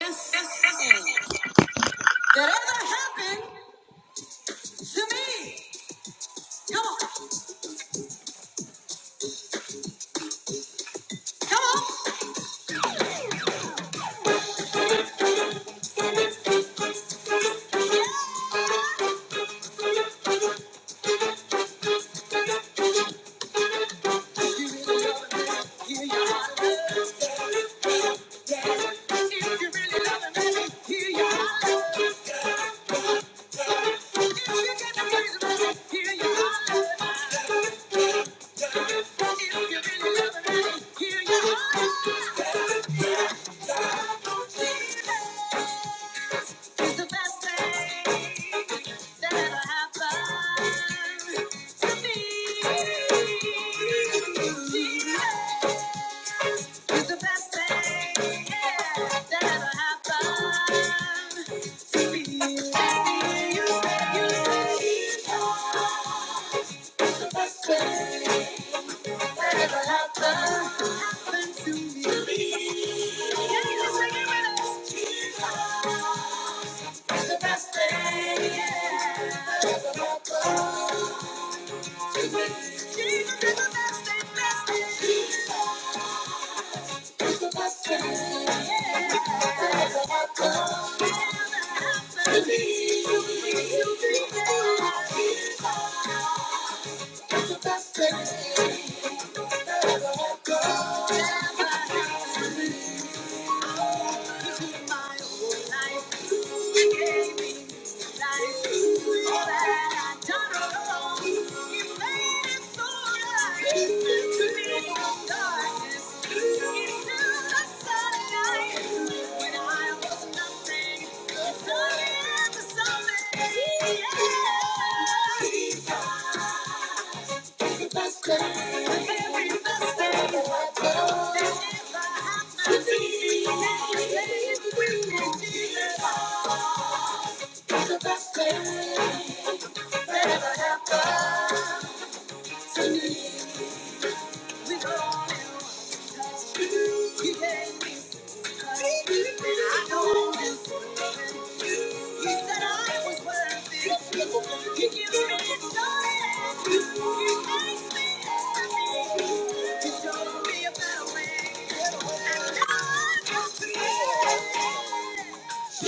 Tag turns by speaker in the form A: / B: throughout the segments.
A: this thing that ever happened to me. Come on, come on. you really love me, hear your heart. love. If you really love me, hear your heart. love. If you get the reason, hear your heart. love. If you really love me, hear your heart. love. It's the best thing that ever happened to me. Jesus is the best thing, yeah, that ever happened to me. You said, you said Jesus is the best thing that ever happened, to me. Yeah, just make it with us the best thing, yeah, that ever happened to me. Jesus is the best thing, best thing. Jesus is the best thing, yeah, that ever happened to me. Jesus is the best thing that ever happened to me. Into my whole life, you gave me Thank you. It's the best thing that ever happened to me. We call you. You gave me I know it's you. He said I was worthy. He gives me joy. He makes me happy. He showed me a better way. And I want to say,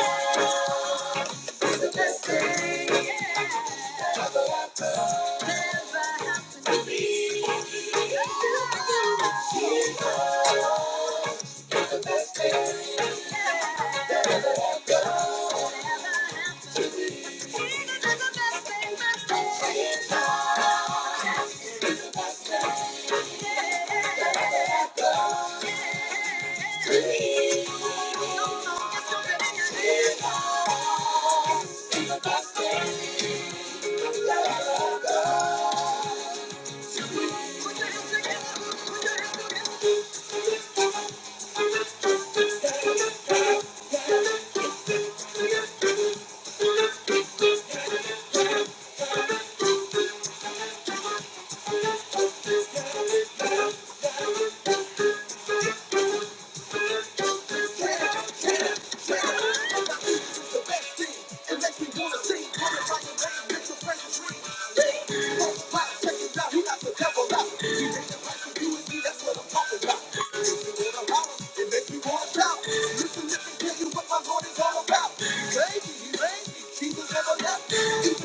A: Jesus. It's the best thing that Thank you. about. Even when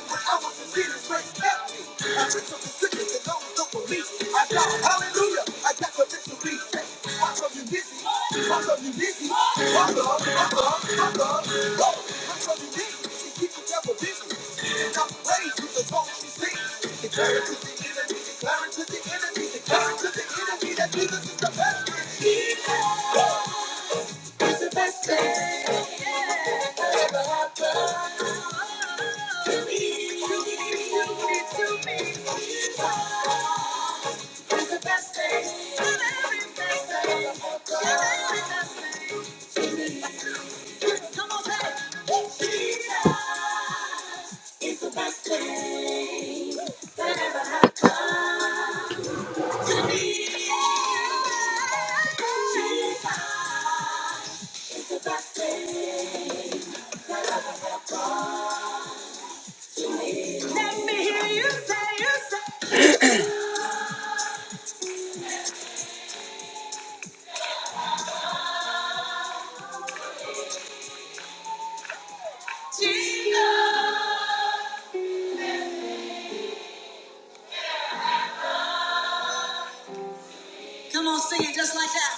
A: I was a sinner, straight up. I break from the sickness and those who for me. I shout hallelujah. I got the victory. Why come you dizzy? Why come you dizzy? Why love? Why love? Why love? Go. Why come you dizzy? She keeps the devil busy. And I'm praised with the song she sings. Declare it to the enemy. Declare it to the enemy. Declare it to the enemy that Jesus is the best. He is. It's the best thing I ever happened to me. To me, to me, to me. It's the best thing. Everything that ever happened to me. Come on, say it. Jesus is the best thing that ever happened to me. Jesus is the best thing. Let me hear you say, you say, Jesus. Come on, sing it just like that.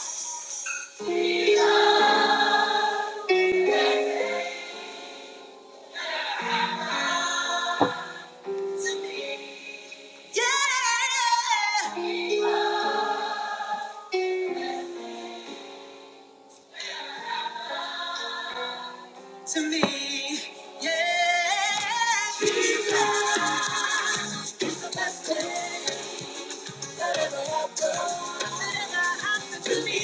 A: To me, yeah. To me, yeah. Jesus is the best thing that ever happened. Nothing ever happened to me.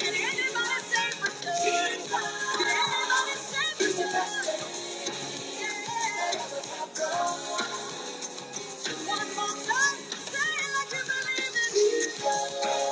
A: Did anybody say for sure? Jesus. Did anybody say for sure? He's the best sure? thing that ever happened. One more time, say it like you believe it. Jesus.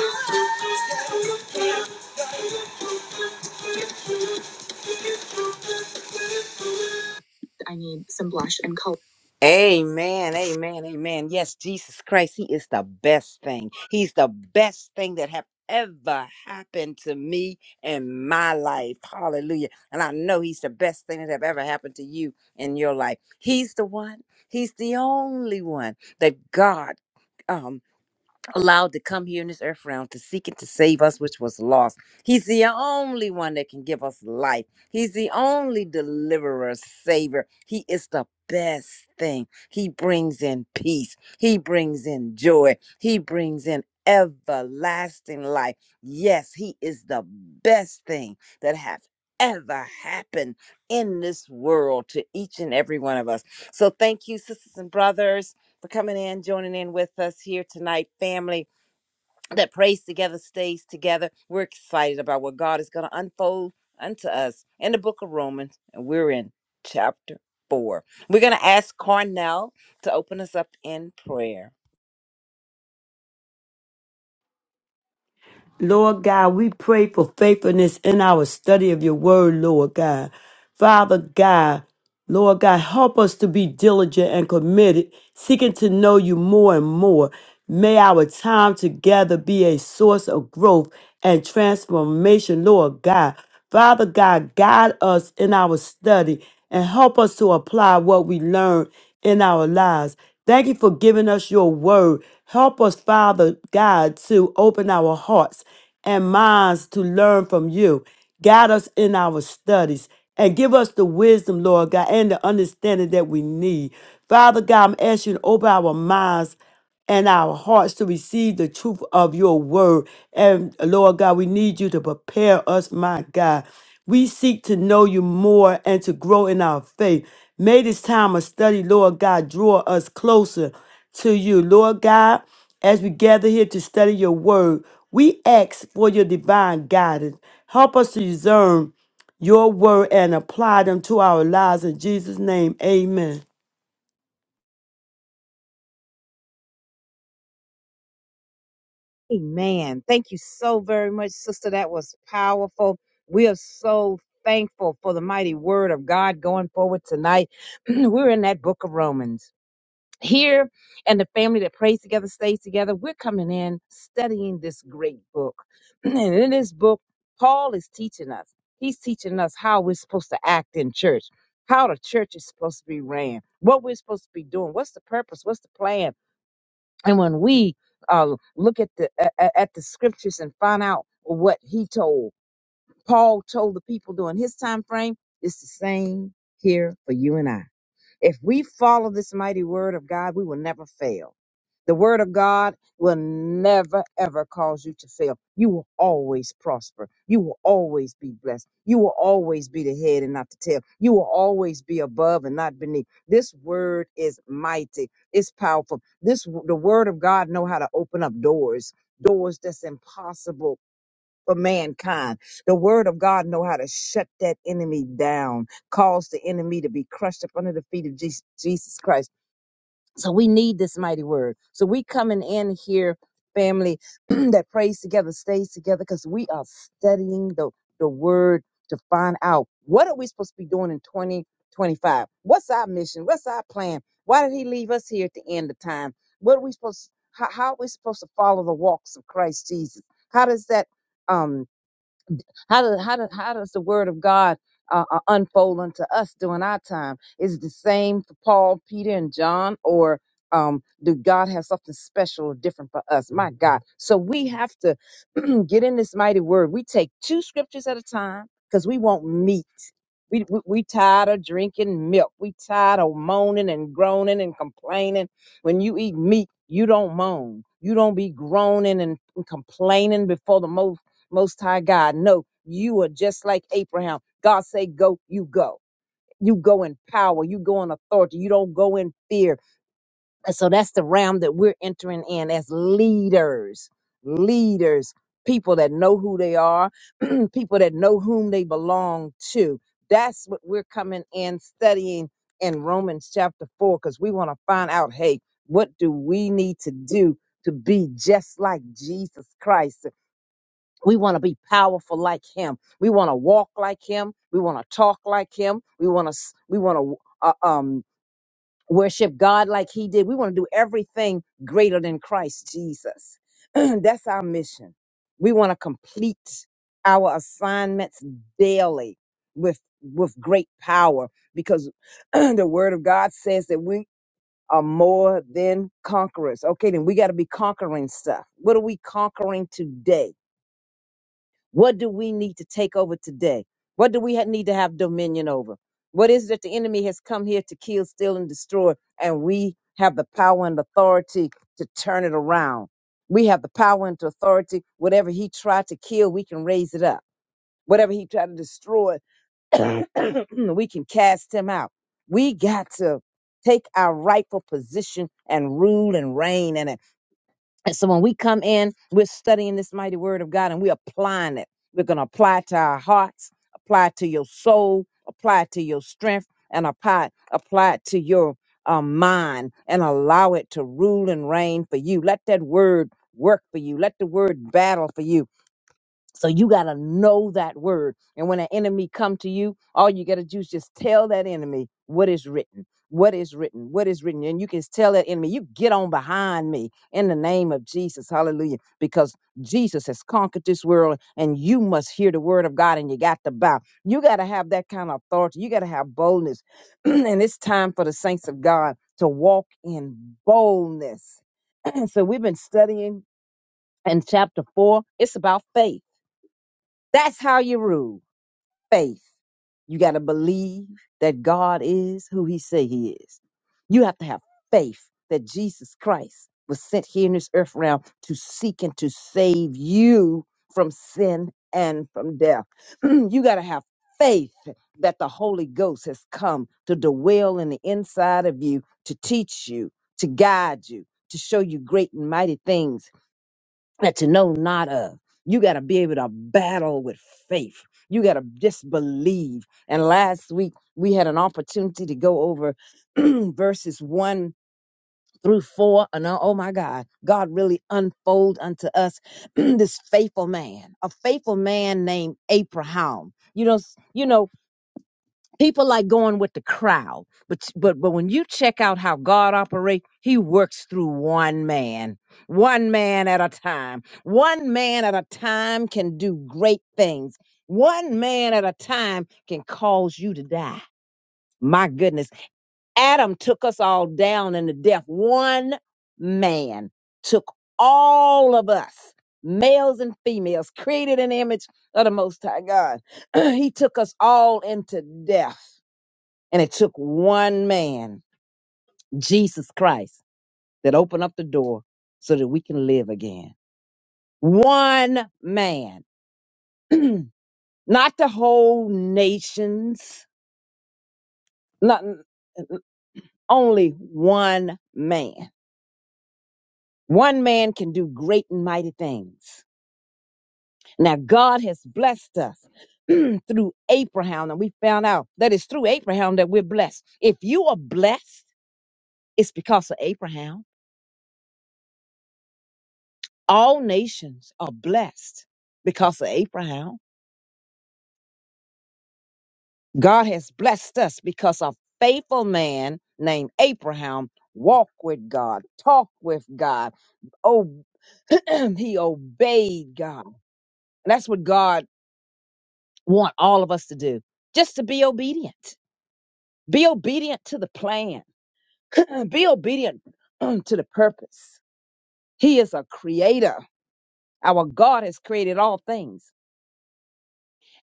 A: Oh, you. I need some blush and color. Amen. Amen. Amen. Yes, Jesus Christ, He is the best thing. He's the best thing that have ever happened to me in my life. Hallelujah. And I know He's the best thing that have ever happened to you in your life. He's the one. He's the only one that God. um allowed to come here in this earth realm to seek and to save us, which was lost. He's the only one that can give us life. He's the only deliverer, savior. He is the best thing. He brings in peace. He brings in joy. He brings in everlasting life. Yes, he is the best thing that have ever happened in this world to each and every one of us. So thank you, sisters and brothers for coming in, joining in with us here tonight, family that prays together, stays together. We're excited about what God is going to unfold unto us in the book of Romans, and we're in chapter four. We're going to ask Cornell to open us up in prayer.
B: Lord God, we pray for faithfulness in our study of your word, Lord God. Father God, Lord God, help us to be diligent and committed, seeking to know you more and more. May our time together be a source of growth and transformation, Lord God. Father God, guide us in our study and help us to apply what we learn in our lives. Thank you for giving us your word. Help us, Father God, to open our hearts and minds to learn from you. Guide us in our studies and give us the wisdom, Lord God, and the understanding that we need. Father God, I'm asking you to open our minds and our hearts to receive the truth of your word. And Lord God, we need you to prepare us, my God. We seek to know you more and to grow in our faith. May this time of study, Lord God, draw us closer to you. Lord God, as we gather here to study your word, we ask for your divine guidance. Help us to discern your word and apply them to our lives. In Jesus' name, amen.
C: Amen. Thank you so very much, sister. That was powerful. We are so thankful for the mighty word of God going forward tonight. We're in that book of Romans. Here and the family that prays together, stays together, we're coming in studying this great book. and in this book, Paul is teaching us. He's teaching us how we're supposed to act in church, how the church is supposed to be ran, what we're supposed to be doing, what's the purpose, what's the plan and when we uh, look at the a- at the scriptures and find out what he told, Paul told the people during his time frame, it's the same here for you and I. If we follow this mighty word of God, we will never fail. The word of God will never, ever cause you to fail. You will always prosper. You will always be blessed. You will always be the head and not the tail. You will always be above and not beneath. This word is mighty. It's powerful. This the word of God know how to open up doors, doors that's impossible for mankind. The word of God know how to shut that enemy down, cause the enemy to be crushed up under the feet of Jesus, Jesus Christ. So we need this mighty word. So we coming in here, family that prays together, stays together, because we are studying the, the word to find out what are we supposed to be doing in 2025? What's our mission? What's our plan? Why did he leave us here at the end of time? What are we supposed how, how are we supposed to follow the walks of Christ Jesus? How does that um how does how does how does the word of God uh, uh, unfold unto us during our time? Is it the same for Paul, Peter, and John, or um, do God have something special or different for us? My God! So we have to get in this mighty word. We take two scriptures at a time because we want meat. We, we we tired of drinking milk. We tired of moaning and groaning and complaining. When you eat meat, you don't moan. You don't be groaning and complaining before the most most High God. No, you are just like Abraham. God say, go, you go. You go in power. You go in authority. You don't go in fear. And so that's the realm that we're entering in as leaders, leaders, people that know who they are, people that know whom they belong to. That's what we're coming in studying in Romans chapter 4 because we want to find out hey, what do we need to do to be just like Jesus Christ? We want to be powerful like him. We want to walk like him. We want to talk like him. We want to we want to uh, um worship God like he did. We want to do everything greater than Christ Jesus. That's our mission. We want to complete our assignments daily with with great power because the word of God says that we are more than conquerors. Okay, then we got to be conquering stuff. What are we conquering today? What do we need to take over today? What do we ha- need to have dominion over? What is it that the enemy has come here to kill, steal, and destroy? And we have the power and authority to turn it around. We have the power and the authority. Whatever he tried to kill, we can raise it up. Whatever he tried to destroy, we can cast him out. We got to take our rightful position and rule and reign. and and so when we come in, we're studying this mighty word of God and we're applying it. We're going to apply it to our hearts, apply it to your soul, apply it to your strength, and apply, apply it to your uh, mind and allow it to rule and reign for you. Let that word work for you. Let the word battle for you. So you got to know that word. And when an enemy come to you, all you got to do is just tell that enemy what is written. What is written? What is written? And you can tell that enemy, you get on behind me in the name of Jesus. Hallelujah. Because Jesus has conquered this world and you must hear the word of God and you got to bow. You got to have that kind of authority. You got to have boldness. and it's time for the saints of God to walk in boldness. so we've been studying in chapter four. It's about faith that's how you rule faith. You got to believe that God is who he say he is. You have to have faith that Jesus Christ was sent here in this earth realm to seek and to save you from sin and from death. you got to have faith that the Holy Ghost has come to dwell in the inside of you to teach you, to guide you, to show you great and mighty things that you know not of. You got to be able to battle with faith. You got to just believe. And last week we had an opportunity to go over verses one through four. And uh, oh my God, God really unfold unto us this faithful man, a faithful man named Abraham. You know, s- you know people like going with the crowd but but but when you check out how god operates he works through one man one man at a time one man at a time can do great things one man at a time can cause you to die my goodness adam took us all down into death one man took all of us males and females created an image of the most high god he took us all into death and it took one man, Jesus Christ, that opened up the door so that we can live again. One man, not the whole nations, not only one man. One man can do great and mighty things. Now God has blessed us through Abraham, and we found out that it's through Abraham that we're blessed. If you are blessed, it's because of Abraham. All nations are blessed because of Abraham God has blessed us because a faithful man named Abraham walked with God, talked with God, oh, he obeyed God. And that's what God want all of us to do, just to be obedient. Be obedient to the plan. be obedient to the purpose. He is a creator. Our God has created all things.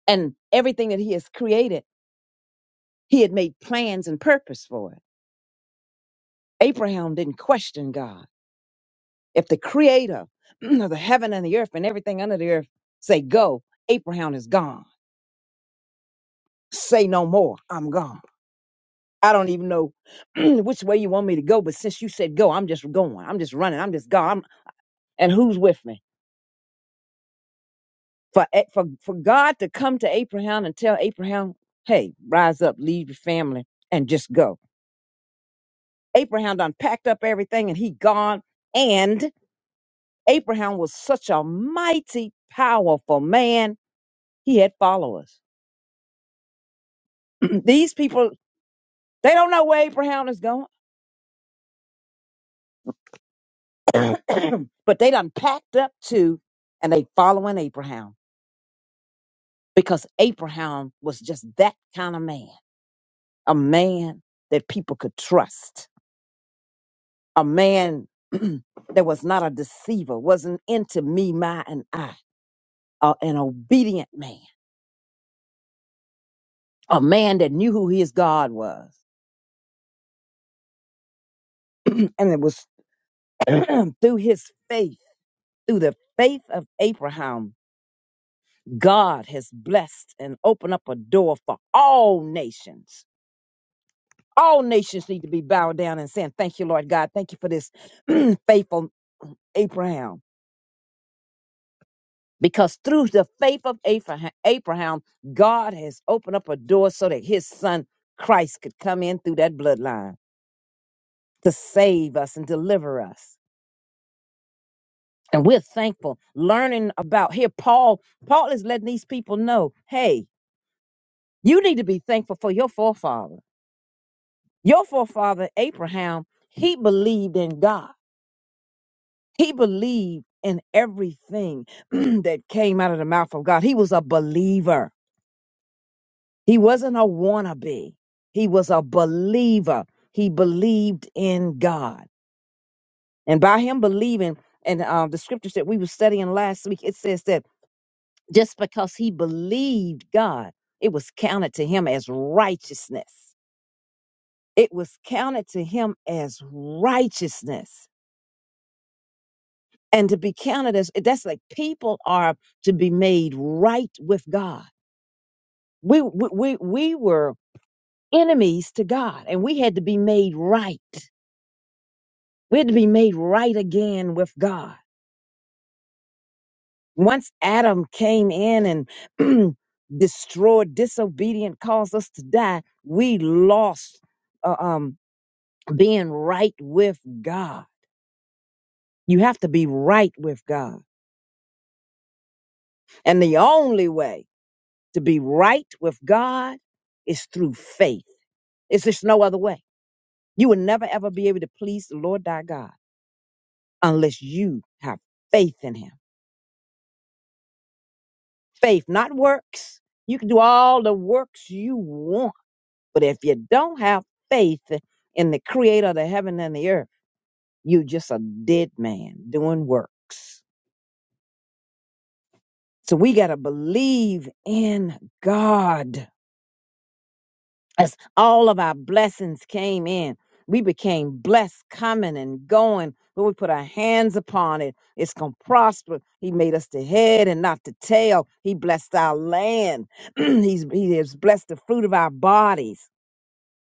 C: And everything that he has created, he had made plans and purpose for it. Abraham didn't question God. If the creator of the heaven and the earth and everything under the earth say go, Abraham is gone. Say no more. I'm gone. I don't even know which way you want me to go, but since you said go, I'm just going. I'm just running. I'm just gone. I'm- and who's with me? For, A- for for God to come to Abraham and tell Abraham, hey, rise up, leave your family, and just go. Abraham done packed up everything and he gone. And Abraham was such a mighty, powerful man. He had followers. These people, they don't know where Abraham is going, but they done packed up too, and they following Abraham because Abraham was just that kind of man, a man that people could trust, a man that was not a deceiver, wasn't into me, my, and I, uh, an obedient man, a man that knew who his God was, and it was through his faith, through the faith of Abraham God has blessed and opened up a door for all nations. All nations need to be bowed down and saying, Thank you, Lord God. Thank you for this faithful Abraham. Because through the faith of Abraham, Abraham, God has opened up a door so that his son Christ could come in through that bloodline to save us and deliver us. And we're thankful learning about here. Paul, Paul is letting these people know, hey, you need to be thankful for your forefathers. Your forefather Abraham, he believed in God. He believed in everything that came out of the mouth of God. He was a believer. He wasn't a wannabe. He was a believer. He believed in God. And by him believing, and uh, the scriptures that we were studying last week, it says that just because he believed God, it was counted to him as righteousness. It was counted to him as righteousness. and to be counted as eh, that's like people are to be made right with God. We we we, we were enemies to God, and we had to be made right. We had to be made right again with God. Once Adam came in and destroyed, disobedient, caused us to die. We lost uh, um, being right with God. You have to be right with God, and the only way to be right with God is through faith It's just no other way. You will never ever be able to please the Lord thy God unless you have faith in him. Faith, not works. You can do all the works you want, but if you don't have faith in the creator of the heaven and the earth, you're just a dead man doing works. So we got to believe in God. as all of our blessings came in, we became blessed coming and going. When we put our hands upon it, it's going to prosper. He made us the head and not the tail. He blessed our land. He's, he has blessed the fruit of our bodies.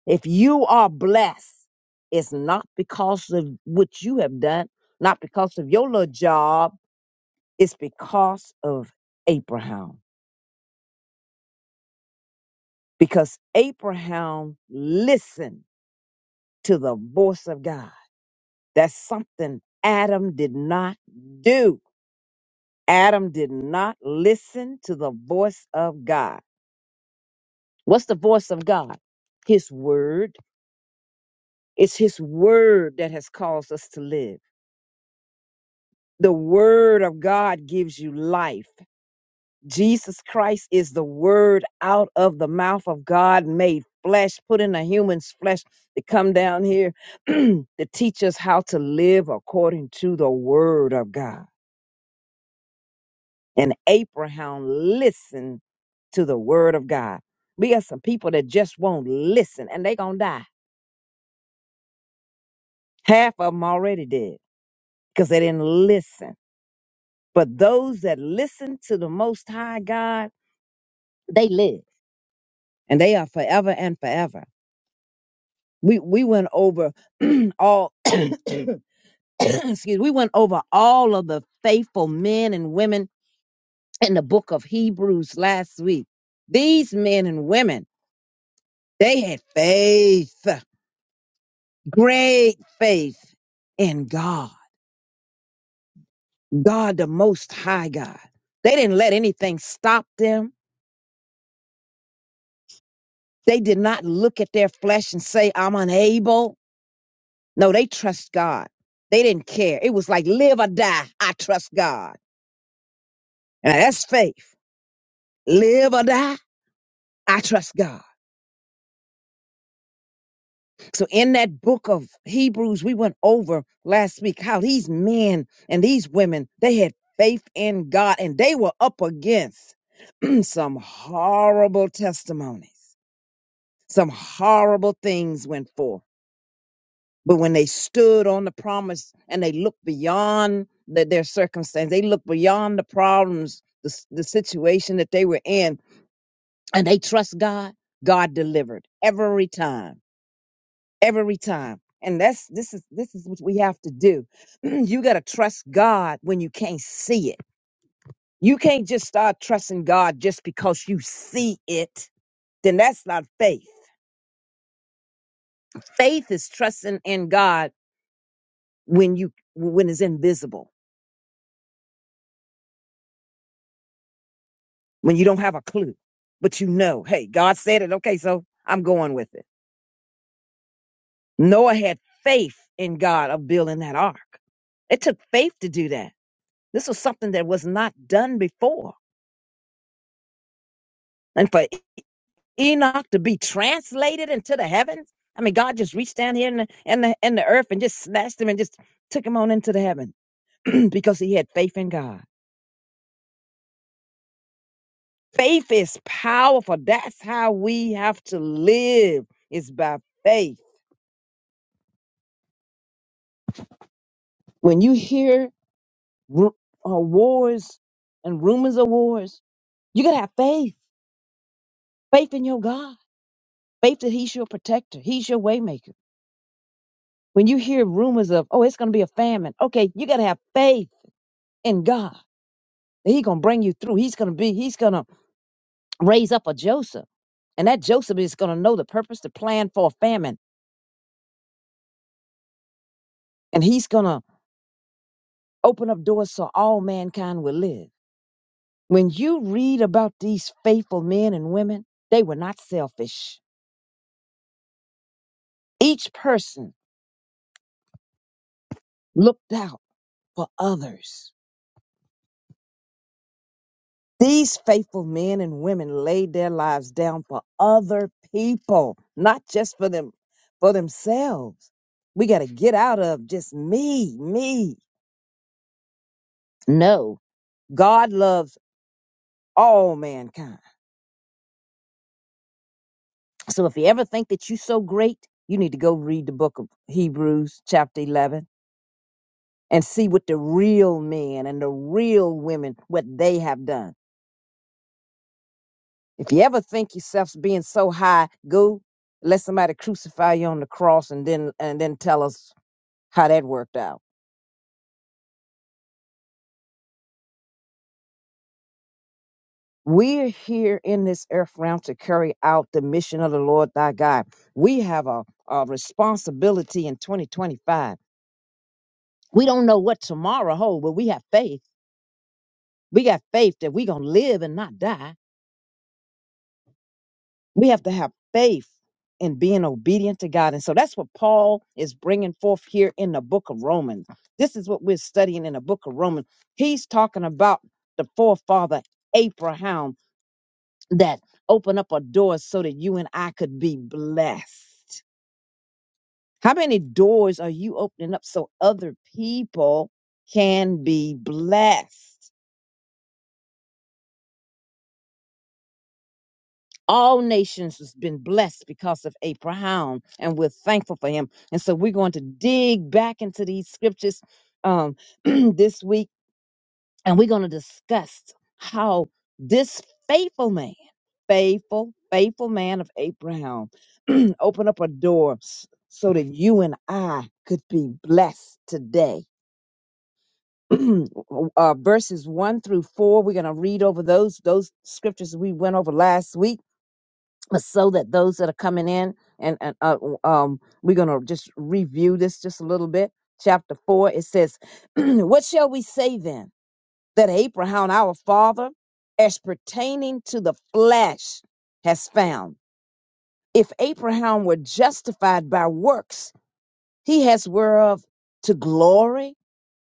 C: If you are blessed, it's not because of what you have done, not because of your little job. It's because of Abraham. Because Abraham listened to the voice of God. That's something Adam did not do. Adam did not listen to the voice of God. What's the voice of God? His word. It's his word that has caused us to live. The word of God gives you life. Jesus Christ is the word out of the mouth of God made flesh, put in a human's flesh to come down here to teach us how to live according to the word of God. And Abraham listened to the word of God. We got some people that just won't listen and they gonna die. Half of them already dead because they didn't listen. But those that listen to the most high God, they live and they are forever and forever. We we went over all excuse we went over all of the faithful men and women in the book of Hebrews last week. These men and women, they had faith Great faith in God, God the Most High God. They didn't let anything stop them. They did not look at their flesh and say, I'm unable. No, they trust God. They didn't care. It was like, live or die, I trust God. Now, that's faith. Live or die, I trust God. So in that book of Hebrews, we went over last week how these men and these women, they had faith in God and they were up against some horrible testimonies. Some horrible things went forth. But when they stood on the promise and they looked beyond the, their circumstance, they looked beyond the problems, the, s- the situation that they were in, and they trust God, God delivered every time every time. And that's this is this is what we have to do. you got to trust God when you can't see it. You can't just start trusting God just because you see it. Then that's not faith. Faith is trusting in God when you when it's invisible, when you don't have a clue, but you know, hey, God said it. Okay, so I'm going with it. Noah had faith in God of building that ark. It took faith to do that. This was something that was not done before. and for. Enoch to be translated into the heavens? I mean, God just reached down here in the in the, in the earth and just snatched him and just took him on into the heaven because he had faith in God. Faith is powerful. That's how we have to live. Is by faith. When you hear ru- uh, wars and rumors of wars, you gotta have faith. Faith in your God. Faith that He's your protector. He's your waymaker. When you hear rumors of, oh, it's gonna be a famine. Okay, you gotta have faith in God He's gonna bring you through. He's gonna be, he's gonna raise up a Joseph. And that Joseph is gonna know the purpose, the plan for a famine. And he's gonna open up doors so all mankind will live. When you read about these faithful men and women, they were not selfish. Each person looked out for others. These faithful men and women laid their lives down for other people, not just for them, for themselves. We got to get out of just me, me. No, God loves all mankind. So if you ever think that you're so great, you need to go read the book of Hebrews, chapter 11, and see what the real men and the real women, what they have done. If you ever think yourself being so high, go let somebody crucify you on the cross and then and then tell us how that worked out. We're here in this earth realm to carry out the mission of the Lord thy God. We have a, a responsibility in 2025 We don't know what tomorrow holds, but we have faith. We got faith that we're going to live and not die. We have to have faith in being obedient to God. And so that's what Paul is bringing forth here in the book of Romans. This is what we're studying in the book of Romans. He's talking about the forefather Abraham that opened up a door so that you and I could be blessed. How many doors are you opening up so other people can be blessed? all nations has been blessed because of Abraham, and we're thankful for him. And so we're going to dig back into these scriptures um, this week, and we're going to discuss how this faithful man, faithful, faithful man of Abraham, opened up a door s- so that you and I could be blessed today. uh, verses one through four, we're going to read over those those scriptures we went over last week but so that those that are coming in and, and uh, um we're gonna just review this just a little bit chapter four it says what shall we say then that abraham our father as pertaining to the flesh has found if abraham were justified by works he has whereof to glory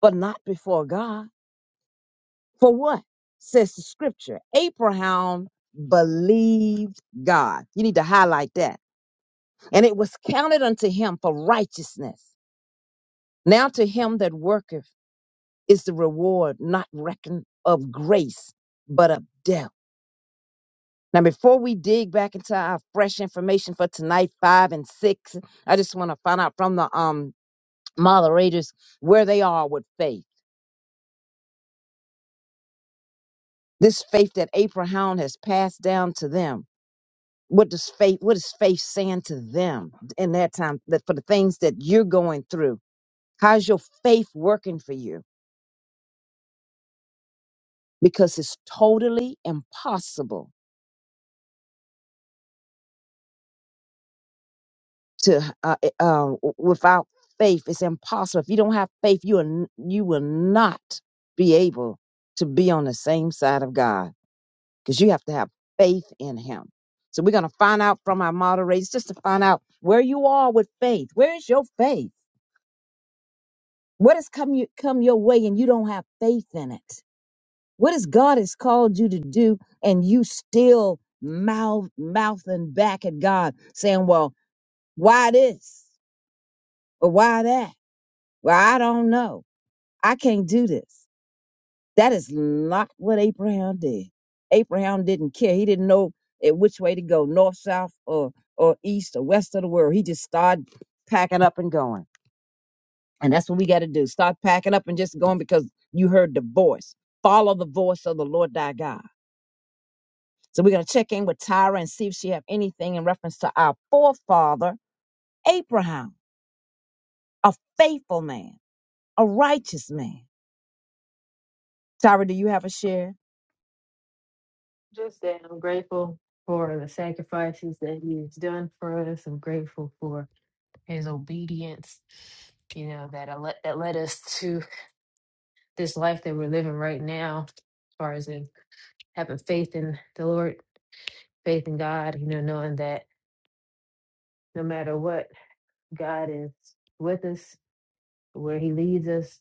C: but not before god for what says the scripture abraham believed god you need to highlight that and it was counted unto him for righteousness. Now to him that worketh is the reward not reckoned of grace, but of death. Now, before we dig back into our fresh information for tonight, five and six, I just want to find out from the um moderators where they are with faith. This faith that Abraham has passed down to them. What does faith? What is faith saying to them in that time? That for the things that you're going through, how's your faith working for you? because it's totally impossible to uh, uh, um, without faith it's impossible if you don't have faith you are, n- you will not be able to be on the same side of god because you have to have faith in him so we're going to find out from our moderators just to find out where you are with faith where is your faith what has come you, come your way and you don't have faith in it what is god has called you to do and you still mouth mouthing back at god saying well Why this? Or why that? Well, I don't know. I can't do this. That is not what Abraham did. Abraham didn't care. He didn't know at which way to go, north, south, or or east or west of the world. He just started packing up and going. And that's what we got to do. Start packing up and just going because you heard the voice. Follow the voice of the Lord thy God. So we're gonna check in with Tyra and see if she have anything in reference to our forefather, Abraham, a faithful man, a righteous man. Tyra, do you have a share?
D: Just that I'm grateful for the sacrifices that he's done for us. I'm grateful for his obedience, you know, that I let that led us to this life that we're living right now, as far as in having faith in the Lord, faith in God, you know, knowing that no matter what, God is with us, where he leads us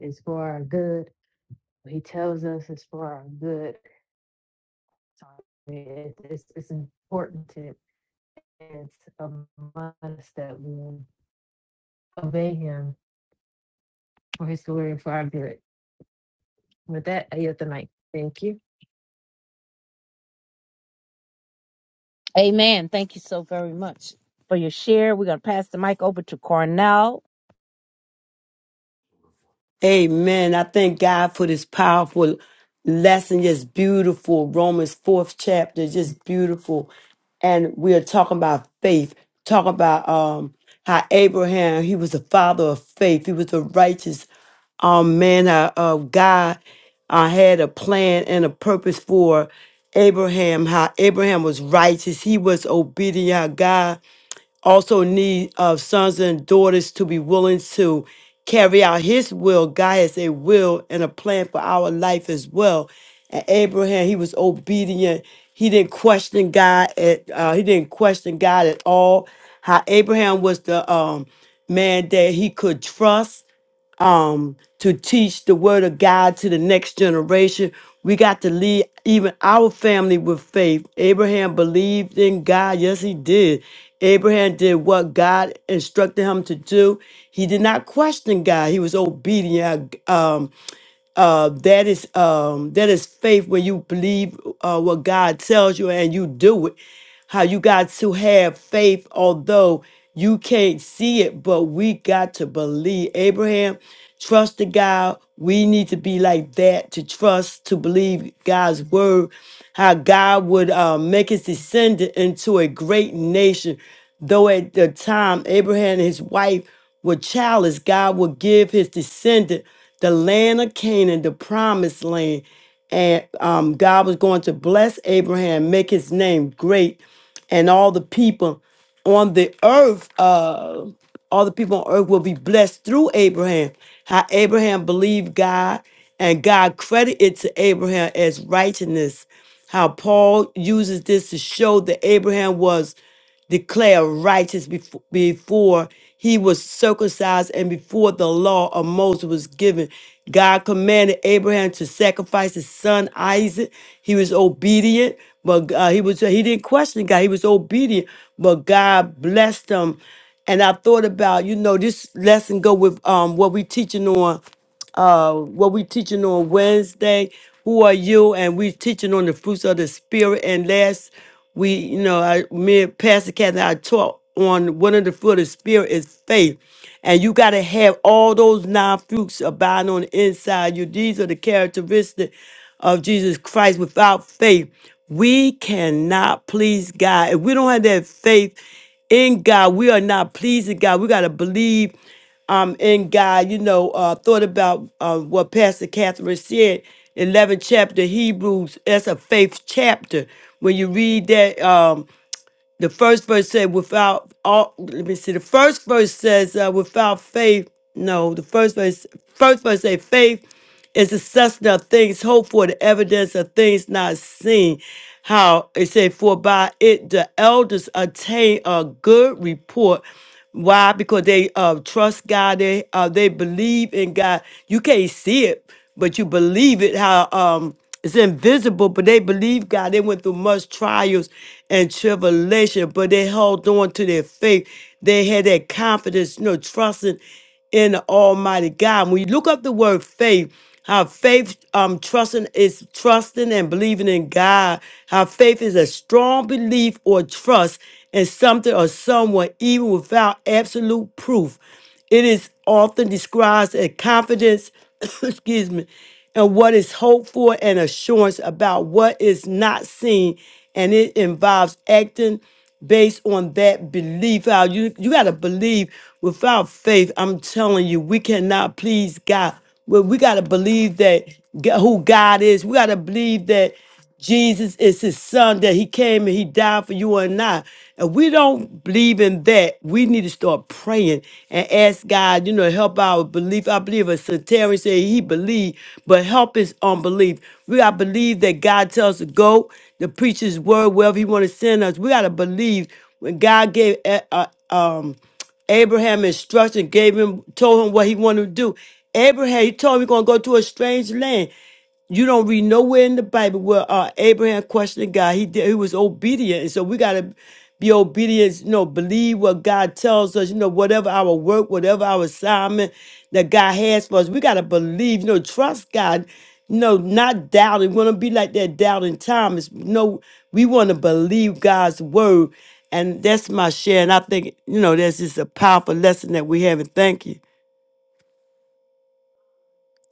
D: is for our good. What he tells us is for our good. So I mean, it's, it's, it's important to it's a must that we obey him for his glory and for our good. With that, I yield the mic. Thank you.
C: Amen. Thank you so very much for your share. We're going to pass the mic over to Cornell
B: Amen. I thank God for this powerful lesson. Just beautiful. Romans 4th chapter, just beautiful. And we are talking about faith, talking about um how Abraham, he was the father of faith. He was a righteous um man uh, of God. I had a plan and a purpose for Abraham, how Abraham was righteous. He was obedient, how God also need of sons and daughters to be willing to carry out his will. God has a will and a plan for our life as well. And Abraham, he was obedient. He didn't question God at uh, he didn't question God at all. How Abraham was the um, man that he could trust um, to teach the word of God to the next generation. We got to lead even our family with faith. Abraham believed in God. Yes, he did. Abraham did what God instructed him to do. He did not question God. He was obedient. Um, uh, that is um, that is faith when you believe uh, what God tells you and you do it. How you got to have faith, although you can't see it, but we got to believe. Abraham trusted God. We need to be like that to trust, to believe God's word. How God would uh, make his descendant into a great nation, though at the time Abraham and his wife were childless, God would give his descendant the land of Canaan, the promised land. And um, God was going to bless Abraham, make his name great, and all the people on the earth. Uh, all the people on earth will be blessed through Abraham. How Abraham believed God and God credited to Abraham as righteousness. How Paul uses this to show that Abraham was declared righteous before, before he was circumcised and before the law of Moses was given. God commanded Abraham to sacrifice his son Isaac. He was obedient, but uh, he was he didn't question God. He was obedient, but God blessed him and I thought about, you know, this lesson go with um what we teaching on uh, what we teaching on Wednesday. Who are you? And we teaching on the fruits of the spirit. And last we, you know, I, me and Pastor Kathy, I taught on one of the fruit of the spirit is faith. And you got to have all those nine fruits abiding on the inside you. These are the characteristics of Jesus Christ. Without faith, we cannot please God. If we don't have that faith in God, we are not pleasing God. We got to believe um, in God, you know, uh, thought about uh, what Pastor Catherine said, 11th chapter Hebrews, that's a faith chapter. When you read that, um, the first verse said, without all, let me see, the first verse says, uh, without faith, no, the first verse, first verse say, faith is the substance of things hoped for, the evidence of things not seen. How it said, for by it the elders attain a good report. Why? Because they uh, trust God. They uh, they believe in God. You can't see it, but you believe it. How um, it's invisible, but they believe God. They went through much trials and tribulation, but they held on to their faith. They had that confidence, you know, trusting in the Almighty God. When you look up the word faith, how faith um trusting is trusting and believing in God. How faith is a strong belief or trust in something or someone, even without absolute proof. It is often described as confidence, excuse me, and what is hoped for and assurance about what is not seen, and it involves acting based on that belief. How you you gotta believe without faith. I'm telling you, we cannot please God. Well, we gotta believe that Go- who God is. We gotta believe that Jesus is His Son. That He came and He died for you and I. And we don't believe in that. We need to start praying and ask God, you know, help our belief. I believe a Sagittarius said he believed, but help his unbelief. We gotta believe that God tells us to go the preacher's word, wherever he want to send us. We got to believe when God gave uh, uh, um, Abraham instruction, gave him, told him what he wanted to do. Abraham, he told him he's going to go to a strange land. You don't read nowhere in the Bible where uh, Abraham questioned God. He did, he was obedient, and so we gotta be obedient. You know, believe what God tells us. You know, whatever our work, whatever our assignment that God has for us, we gotta believe. You know, trust God. No, not doubting. We want to be like that doubting Thomas. No, we want to believe God's word. And that's my share. And I think, you know, that's just a powerful lesson that we have. And thank you.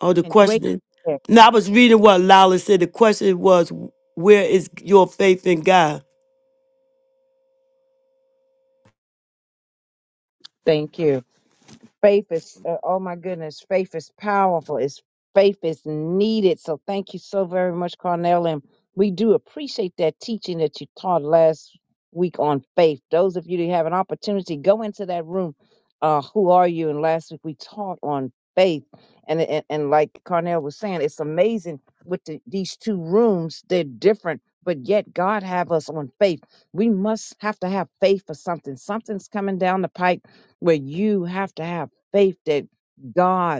B: Oh, the
C: and great.
B: question is no, I was reading what Lala said. The question was, where is your faith in God?
C: Thank you. faith is uh, oh my goodness faith is powerful it's faith is needed so thank you so very much carnell and we do appreciate that teaching that you taught last week on faith those of you who have an opportunity go into that room uh who are you and last week we taught on faith and and, and like carnell was saying it's amazing with the, these two rooms they're different but yet god have us on faith we must have to have faith for something something's coming down the pike where you have to have faith that God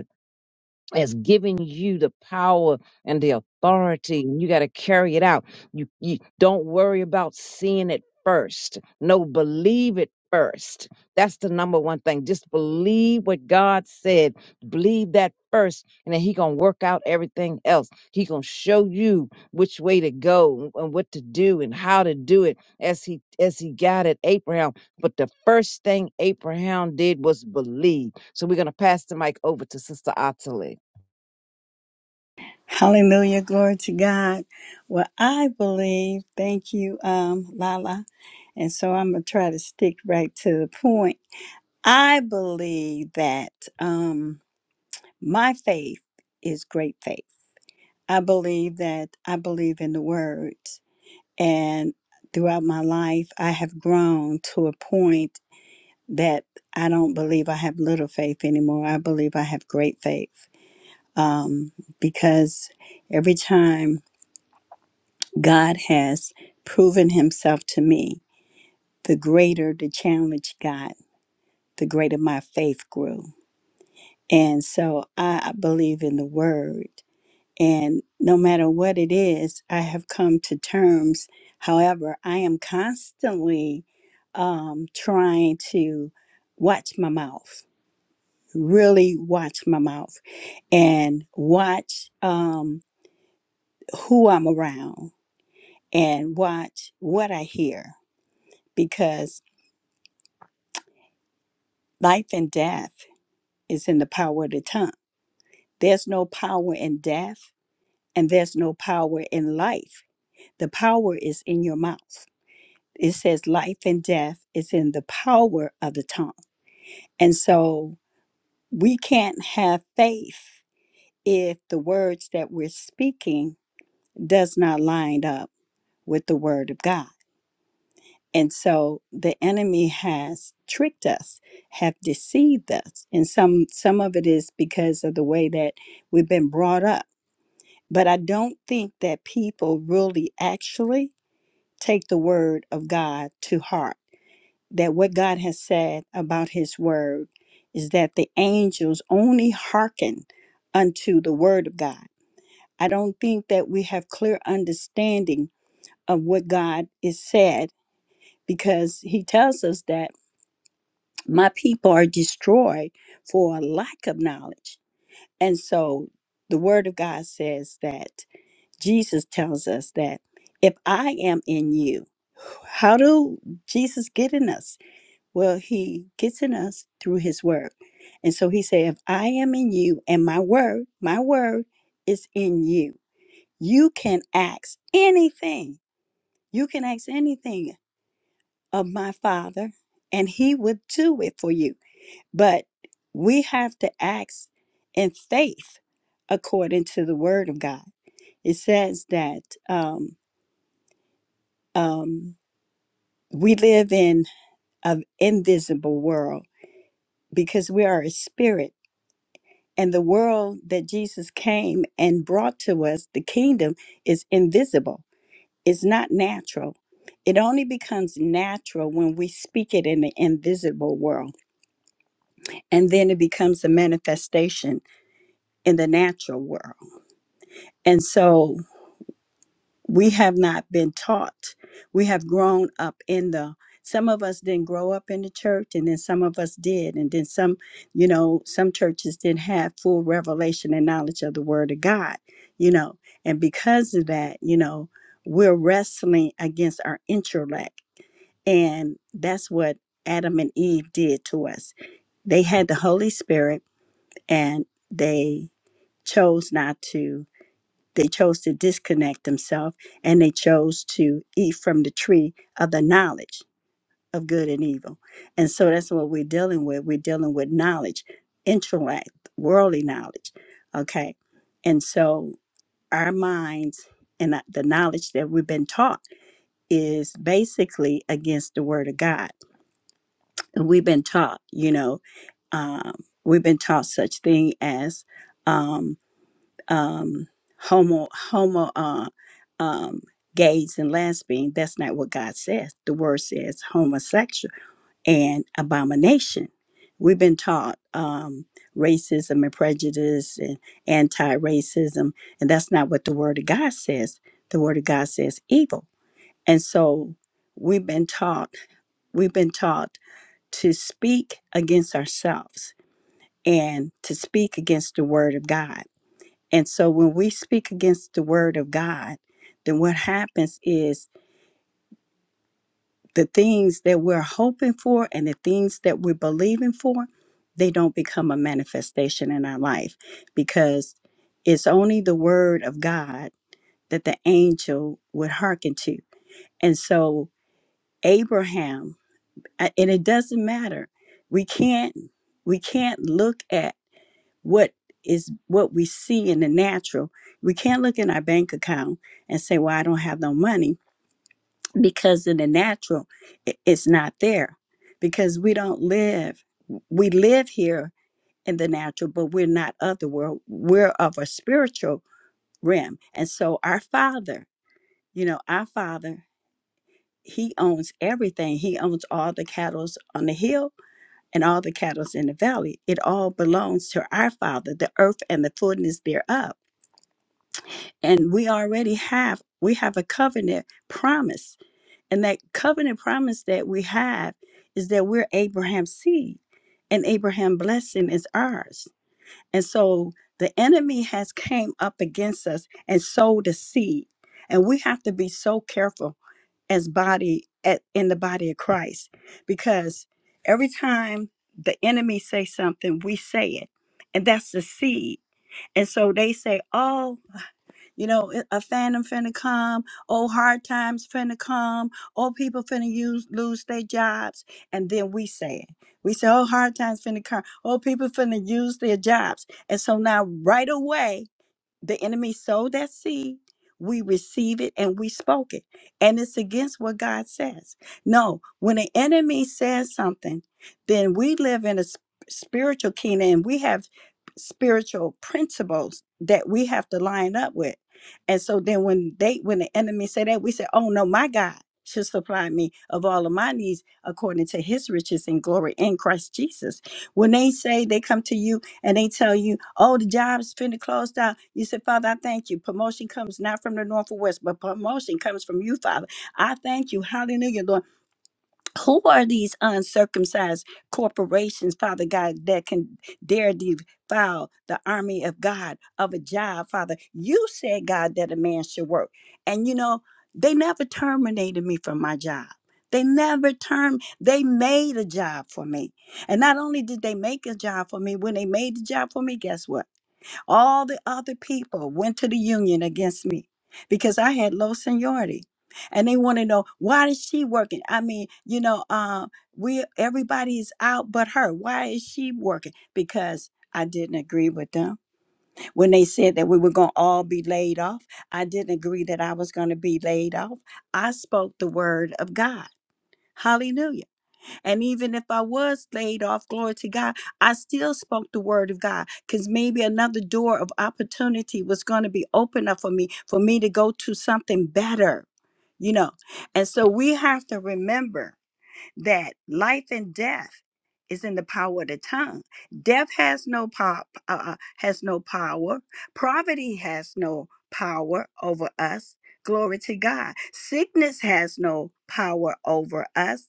C: has given you the power and the authority and you got to carry it out you, you don't worry about seeing it first no believe it first that's the number one thing just believe what god said believe that first and then he gonna work out everything else he gonna show you which way to go and what to do and how to do it as he as he guided abraham but the first thing abraham did was believe so we're gonna pass the mic over to sister Ottilie.
E: Hallelujah. Glory to God. Well, I believe, thank you, um, Lala. And so I'm going to try to stick right to the point. I believe that um, my faith is great faith. I believe that I believe in the word. And throughout my life, I have grown to a point that I don't believe I have little faith anymore. I believe I have great faith um, because every time God has proven himself to me. The greater the challenge got, the greater my faith grew. And so I believe in the word. And no matter what it is, I have come to terms. However, I am constantly um, trying to watch my mouth, really watch my mouth, and watch um, who I'm around and watch what I hear because Life and death is in the power of the tongue. There's no power in death, and there's no power in life. The power is in your mouth. It says life and death is in the power of the tongue. And so we can't have faith if the words that we're speaking does not line up with the word of God. And so the enemy has tricked us, have deceived us. And some some of it is because of the way that we've been brought up. But I don't think that people really actually take the word of God to heart. That what God has said about his word is that the angels only hearken unto the word of God. I don't think that we have clear understanding of what God is said because he tells us that my people are destroyed for a lack of knowledge. And so the word of God says that Jesus tells us that if I am in you, how do Jesus get in us? Well, he gets in us through his word. And so he said, if I am in you and my word, my word is in you, you can ask anything. You can ask anything of my father and he would do it for you. But we have to act in faith according to the word of God. It says that um, um, we live in an invisible world because we are a spirit. And the world that Jesus came and brought to us, the kingdom, is invisible. It's not natural. It only becomes natural when we speak it in the invisible world. And then it becomes a manifestation in the natural world. And so we have not been taught. We have grown up in the some of us didn't grow up in the church and then some of us did and then some you know some churches didn't have full revelation and knowledge of the word of God, you know. And because of that, you know, we're wrestling against our intellect and that's what Adam and Eve did to us. They had the Holy Spirit and they chose not to they chose to disconnect themselves and they chose to eat from the tree of the knowledge of good and evil. And so that's what we're dealing with. We're dealing with knowledge, intellect, worldly knowledge. Okay. And so our minds and that- the knowledge that we've been taught is basically against the word of God. We've been taught, you know, um, we've been taught such thing as um, um, homo homo uh, um, gays and lesbian. That's not what God says. The word says homosexual and abomination. We've been taught um, racism and prejudice and anti-racism, and that's not what the Word of God says. The Word of God says evil, and so we've been taught we've been taught to speak against ourselves and to speak against the Word of God and so when we speak against the word of God, then what happens is the things that we're hoping for and the things that we're believing for, they don't become a manifestation in our life because it's only the word of God that the angel would hearken to. And so Abraham, a- and it doesn't matter. We can't we can't look at what is what we see in the natural. We can't look in our bank account and say, "Well, I don't have no money," because in the natural, i- it's not there. Because we don't live, we live here in the natural, but we're not of the world. We're of a spiritual realm, and so our Father, you know, our Father, He owns everything. He owns all the cattle on the hill and all the cattle in the valley. It all belongs to our Father, the earth and the fullness thereof. and we already have we have a covenant promise and that covenant promise that we have is that we're abraham's seed and Abraham's blessing is ours and so the enemy has came up against us and sowed a seed and we have to be so careful as body at, in the body of christ because every time the enemy say something we say it and that's the seed and so they say oh you know, it- a phantom finna come. Oh, hard times finna come. Oh, people finna use, lose their jobs. And then we say it. We say, oh, hard times finna come. Oh, people finna use their jobs. And so now, right away, the enemy sowed that seed we receive it and we spoke it and it's against what god says no when the enemy says something then we live in a s- spiritual kingdom and we have spiritual principles that we have to line up with and so then when they when the enemy say that we say oh no my god should supply me of all of my needs according to his riches and glory in christ jesus when they say they come to you and they tell you, oh, the job's finna close down. You said, Father, I thank you. Promotion comes not from the north or west, but promotion comes from you, Father. I thank you. Hallelujah, Lord who are these uncircumcised corporations, Father God, that can dare defile the army of God of a job, Father? You said, God, that a man should work. And you know, they never terminated me from my job. They never term they made a job for me. And not only did they make a job for me, when they made the job for me, guess what? All the other people went to the union against me because I had low seniority. And they want to know why is she working? I mean, you know, uh, we everybody's out but her. Why is she working? Because I didn't agree with them. When they said that we were going to all be laid off, I didn't agree that I was going to be laid off. I spoke the word of God. Hallelujah. And even if I was laid off, glory to God, I still spoke the word of God because maybe another door of opportunity was going to be opened up for me, for me to go to something better, you know. And so we have to remember that life and death is in the power of the tongue. Death has no power, uh, has no power. Poverty has no power over us. Glory to God. Sickness has no power over us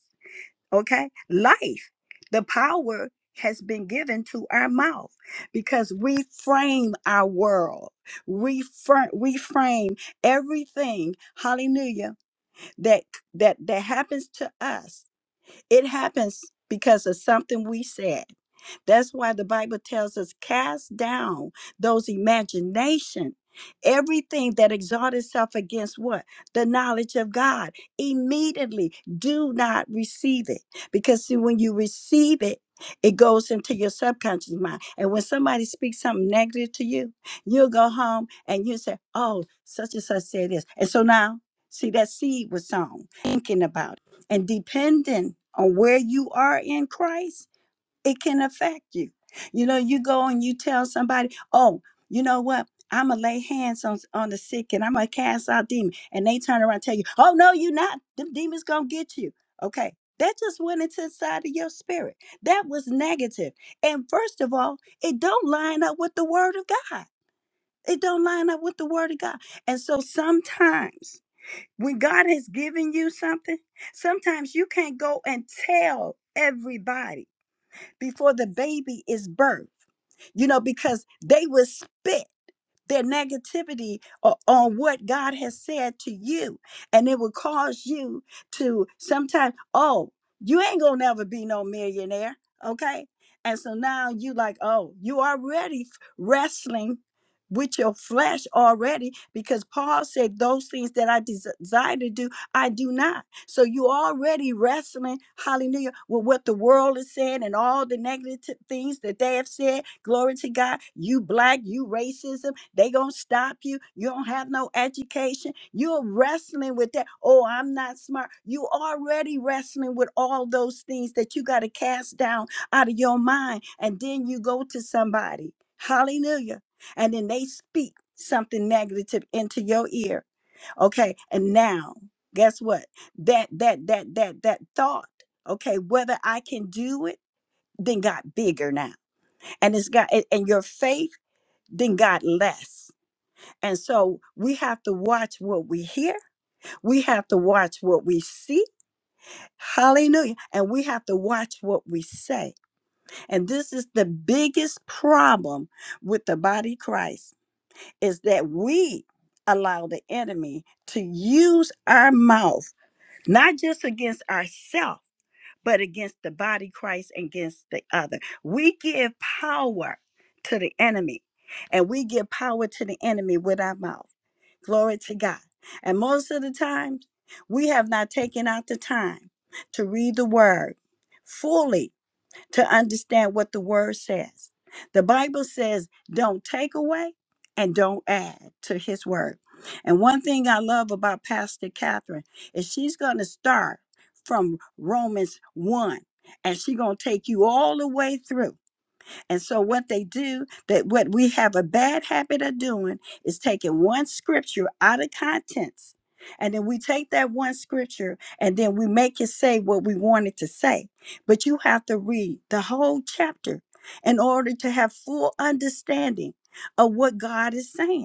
E: okay? Life. The power has been given to our mouth because we frame our world. We frame, we frame everything, hallelujah, that that that happens to us it happens because of something we said. That's why the Bible tells us cast down those imagination, everything that exalts itself against what? The knowledge of God. Immediately do not receive it. Because see, when you receive it, it goes into your subconscious mind. And when somebody speaks something negative to you, you'll go home and you say, Oh, such and such said this. And so now, see, that seed was sown, thinking about it and depending on where you are in Christ, it can affect you. You know, you go and you tell somebody, oh, you know what? I'm going to lay hands on, on the sick and I'm going to cast out demons. And they turn around and tell you, oh, no, you're not. Them demons going to get you. Okay. That just went into the side of your spirit. That was negative. And first of all, it don't line up with the word of God. It don't line up with the word of God. And so sometimes when God has given you something, sometimes you can't go and tell everybody before the baby is birthed, you know, because they will spit their negativity o- on what God has said to you. And it will cause you to sometimes, oh, you ain't gonna never be no millionaire. Okay. And so now you like, oh, you already f- wrestling with your flesh already because Paul said, those things that I des- desire to do, I do not. So you already wrestling, hallelujah, with what the world is saying and all the negative things that they have said. Glory to God. You black, you racism, they gonna stop you. You don't have no education. You're wrestling with that. Oh, I'm not smart. You already wrestling with all those things that you gotta cast down out of your mind. And then you go to somebody, hallelujah, and then they speak something negative into your ear okay and now guess what that that that that that thought okay whether i can do it then got bigger now and it's got and and your faith then got less and so we have to watch what we hear we have to watch what we see hallelujah and we have to watch what we say and this is the biggest problem with the body of christ is that we allow the enemy to use our mouth not just against ourselves, but against the body Christ and against the other. We give power to the enemy, and we give power to the enemy with our mouth. Glory to God. And most of the time, we have not taken out the time to read the word fully to understand what the word says. The Bible says, don't take away and don't add to his word. And one thing I love about Pastor Catherine is she's going to start from Romans 1 and she's going to take you all the way through. And so what they do that what we have a bad habit of doing is taking one scripture out of context. And then we take that one scripture and then we make it say what we want it to say. But you have to read the whole chapter in order to have full understanding of what God is saying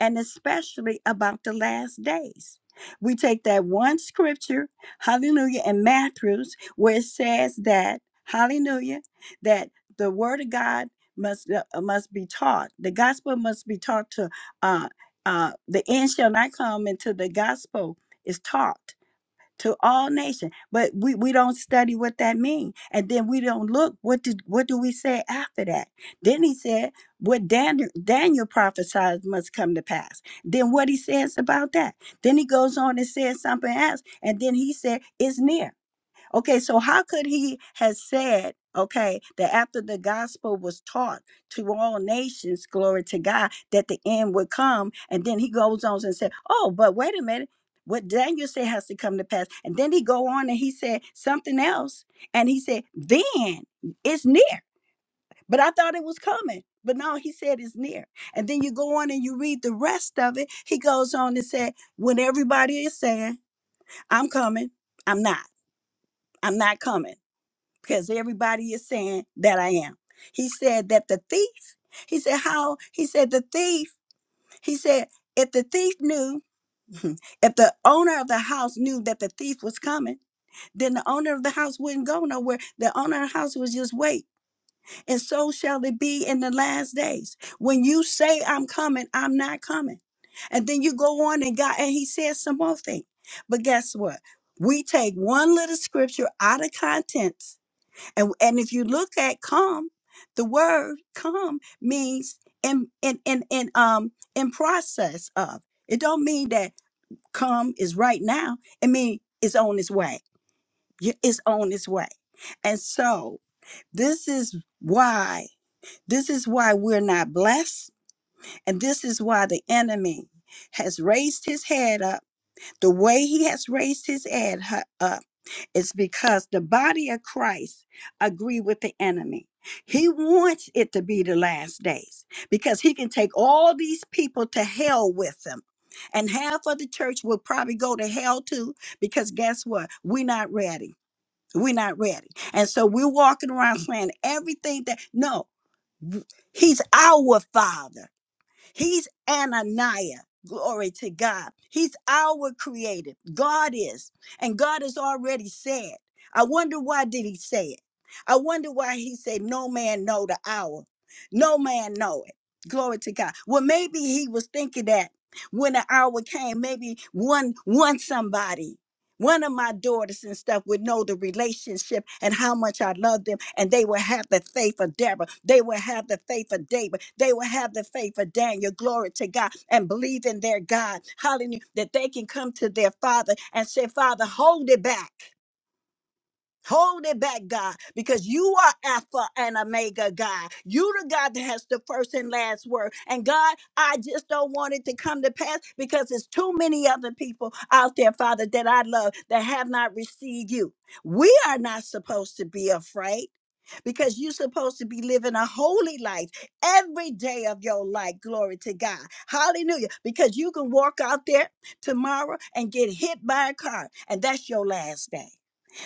E: and especially about the last days. We take that one scripture, hallelujah, in Matthew's, where it says that, hallelujah, that the word of God must uh, uh, must be taught. The gospel must be taught to uh uh the end shall not come until the gospel is taught to all nations but we, we don't study what that means and then we don't look what did what do we say after that then he said what daniel, daniel prophesied must come to pass then what he says about that then he goes on and says something else and then he said it's near Okay, so how could he have said, okay, that after the gospel was taught to all nations, glory to God, that the end would come? And then he goes on and said, oh, but wait a minute. What Daniel said has to come to pass. And then he go on and he said something else. And he said, then it's near. But I thought it was coming. But no, he said it's near. And then you go on and you read the rest of it. He goes on and said, when everybody is saying, I'm coming, I'm not. I'm not coming because everybody is saying that I am. He said that the thief, he said, how? He said, the thief, he said, if the thief knew, if the owner of the house knew that the thief was coming, then the owner of the house wouldn't go nowhere. The owner of the house would just wait. And so shall it be in the last days. When you say, I'm coming, I'm not coming. And then you go on and God, and he says some more thing. But guess what? We take one little scripture out of context and and if you look at come, the word come means in in in in um in process of. It don't mean that come is right now. It means it's on its way. Y- It's on its way. And so this is why this is why we're not blessed, and this is why the enemy has raised his head up the way he has raised his head hu- up it's because the body of Christ agree with the enemy. He wants it to be the last days because he can take all these people to hell with them. And half of the church will probably go to hell too because guess what? We're not ready. We're not ready. And so we're walking around saying everything that, no, he's our father. He's Ananiah. Glory to God. He's our creator. God is. And God has already said. I wonder why did he say it? I wonder why he said, No man know the hour. No man know it. Glory to God. Well, maybe he was thinking that when the hour came, maybe one one somebody one of my daughters and stuff would know the relationship and how much I love them, and they will have the faith of Deborah. They will have the faith of David. They will have the faith of Daniel. Glory to God and believe in their God. Hallelujah. That they can come to their father and say, Father, hold it back. Hold it back, God, because you are Alpha and Omega, God. You the God that has the first and last word. And God, I just don't want it to come to pass because there's too many other people out there, Father, that I love that have not received you. We are not supposed to be afraid because you're supposed to be living a holy life every day of your life. Glory to God. Hallelujah. Because you can walk out there tomorrow and get hit by a car, and that's your last day.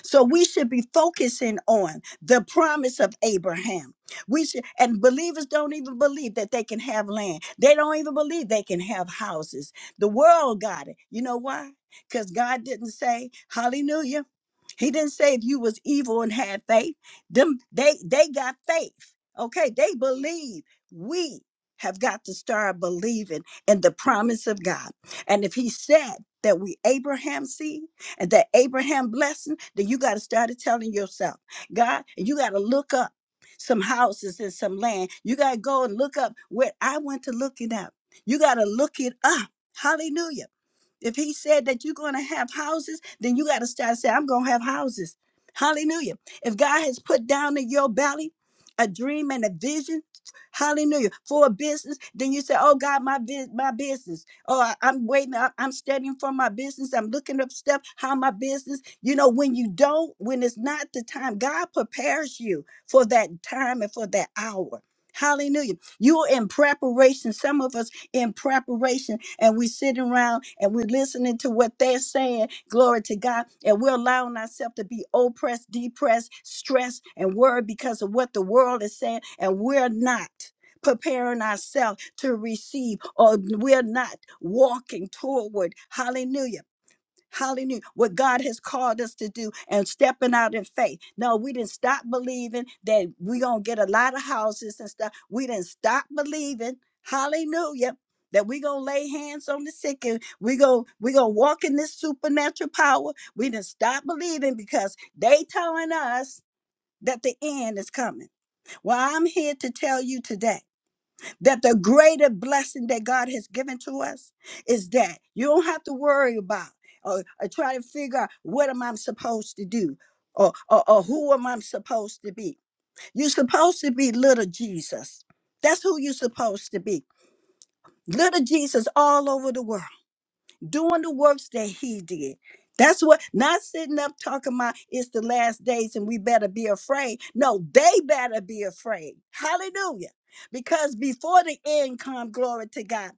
E: So we should be focusing on the promise of Abraham. We should, and believers don't even believe that they can have land. They don't even believe they can have houses. The world got it. You know why? Because God didn't say, Hallelujah. He didn't say if you was evil and had faith. Them they they got faith. Okay, they believe. We have got to start believing in the promise of God. And if he said that we Abraham seed and that Abraham blessing, then you got to start telling yourself, God, and you got to look up some houses and some land. You got to go and look up where I went to look it up. You got to look it up. Hallelujah if he said that you're going to have houses, then you got to start saying, I'm going to have houses. Hallelujah. If God has put down in your belly a dream and a vision, hallelujah, for a business, then you say, Oh God, my, bus- my business. Oh, I- I'm waiting. I- I'm studying for my business. I'm looking up stuff, how my business. You know, when you don't, when it's not the time, God prepares you for that time and for that hour. Hallelujah. You are in preparation. Some of us in preparation and we sit around and we're listening to what they're saying. Glory to God. And we're allowing ourselves to be oppressed, depressed, stressed, and worried because of what the world is saying. And we're not preparing ourselves to receive or we're not walking toward hallelujah Hallelujah. What God has called us to do and stepping out in faith. No, we didn't stop believing that we're going to get a lot of houses and stuff. We didn't stop believing. Hallelujah. That we're going to lay hands on the sick and we're going we gonna walk in this supernatural power. We didn't stop believing because they telling us that the end is coming. Well, I'm here to tell you today that the greater blessing that God has given to us is that you don't have to worry about or, or try to figure out what am I supposed to do or, or, or who am I supposed to be. You're supposed to be little Jesus. That's who you're supposed to be. Little Jesus all over the world doing the works that he did. That's what, not sitting up talking about it's the last days and we better be afraid. No, they better be afraid. Hallelujah. Because before the end come, glory to God.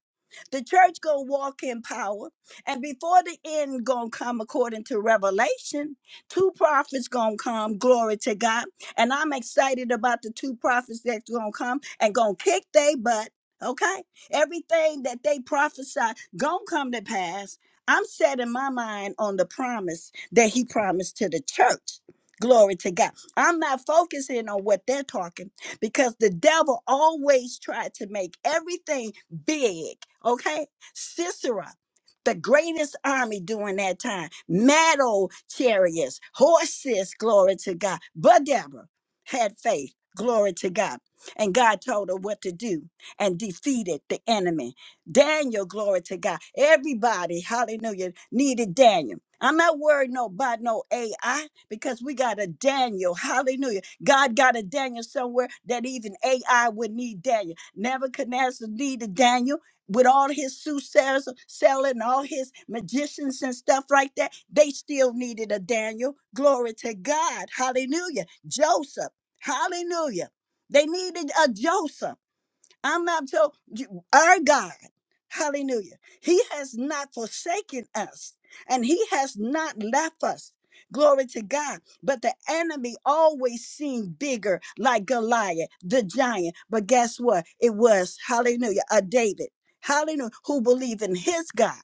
E: The church gonna walk in power, and before the end gonna come according to Revelation, two prophets gonna come. Glory to God, and I'm excited about the two prophets that's gonna come and gonna kick their butt. Okay, everything that they prophesy gonna come to pass. I'm setting my mind on the promise that He promised to the church. Glory to God. I'm not focusing on what they're talking because the devil always tried to make everything big, okay? Sisera, the greatest army during that time, metal chariots, horses, glory to God. But Deborah had faith, glory to God. And God told her what to do and defeated the enemy. Daniel, glory to God. Everybody, hallelujah, needed Daniel. I'm not worried no about no AI because we got a Daniel. Hallelujah. God got a Daniel somewhere that even AI would need Daniel. Nebuchadnezzar needed Daniel with all his soothsayers selling all his magicians and stuff like that. They still needed a Daniel. Glory to God. Hallelujah. Joseph. Hallelujah. They needed a Joseph. I'm not so you- our God. Hallelujah. He has not forsaken us and he has not left us. Glory to God. But the enemy always seemed bigger, like Goliath, the giant. But guess what? It was, hallelujah, a David, hallelujah, who believed in his God.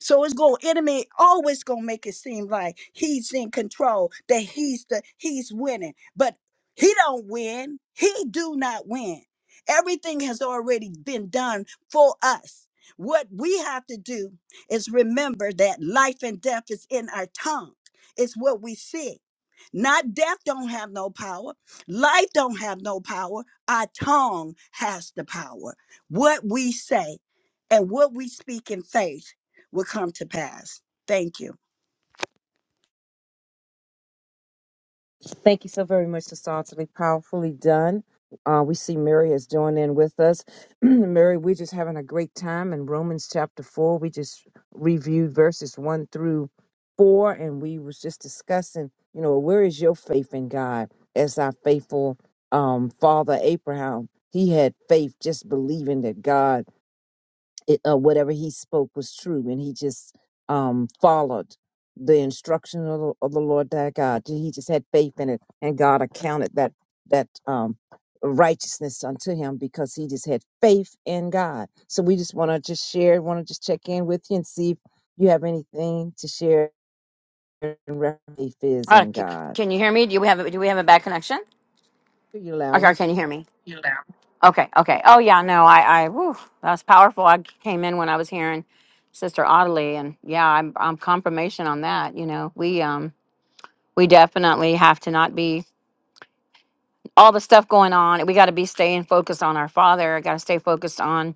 E: So it's going enemy always gonna make it seem like he's in control, that he's the he's winning. But he don't win. He do not win. Everything has already been done for us. What we have to do is remember that life and death is in our tongue. It's what we say. Not death don't have no power. Life don't have no power. Our tongue has the power. What we say and what we speak in faith will come to pass. Thank you.
C: Thank you so very much, Sasantali. Powerfully done. Uh, we see Mary is joining in with us. Mary, we're just having a great time in Romans chapter 4. We just reviewed verses 1 through 4, and we was just discussing, you know, where is your faith in God as our faithful um, father Abraham? He had faith, just believing that God it, uh, whatever he spoke was true, and he just um, followed the instruction of the, of the Lord thy God. He just had faith in it, and God accounted that that um, righteousness unto him because he just had faith in God. So we just want to just share, want to just check in with you and see if you have anything to share. And faith is
F: Uh,
C: in
F: c- c-
C: God.
F: can you hear me? Do we have a, do we have a bad connection?
C: Are you loud
F: Okay,
C: and
F: or can you hear me? Okay, okay. Oh yeah, no, I, I, whew, that's powerful. I came in when I was hearing Sister Audley, and yeah, I'm, I'm confirmation on that. You know, we, um, we definitely have to not be all the stuff going on. We got to be staying focused on our Father. Got to stay focused on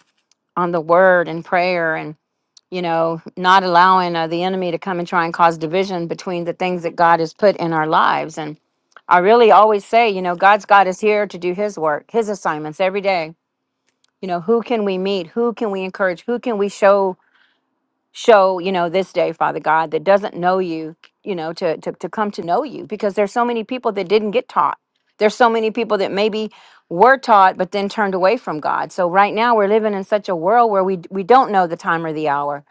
F: on the Word and prayer you know, not allowing uh, the enemy to come and try and cause division between the things that God has put in our lives. And I really always say, you know, God's God is here to do his work, his assignments every day. You know, who can we meet? Who can we encourage? Who can we show show, you know, this day, Father God, that doesn't know you, you know, to to, to come to know you because there's so many people that didn't get taught. There's so many people that maybe were taught but then turned away from God. So right now we're living in such a world where we we don't know the time or the hour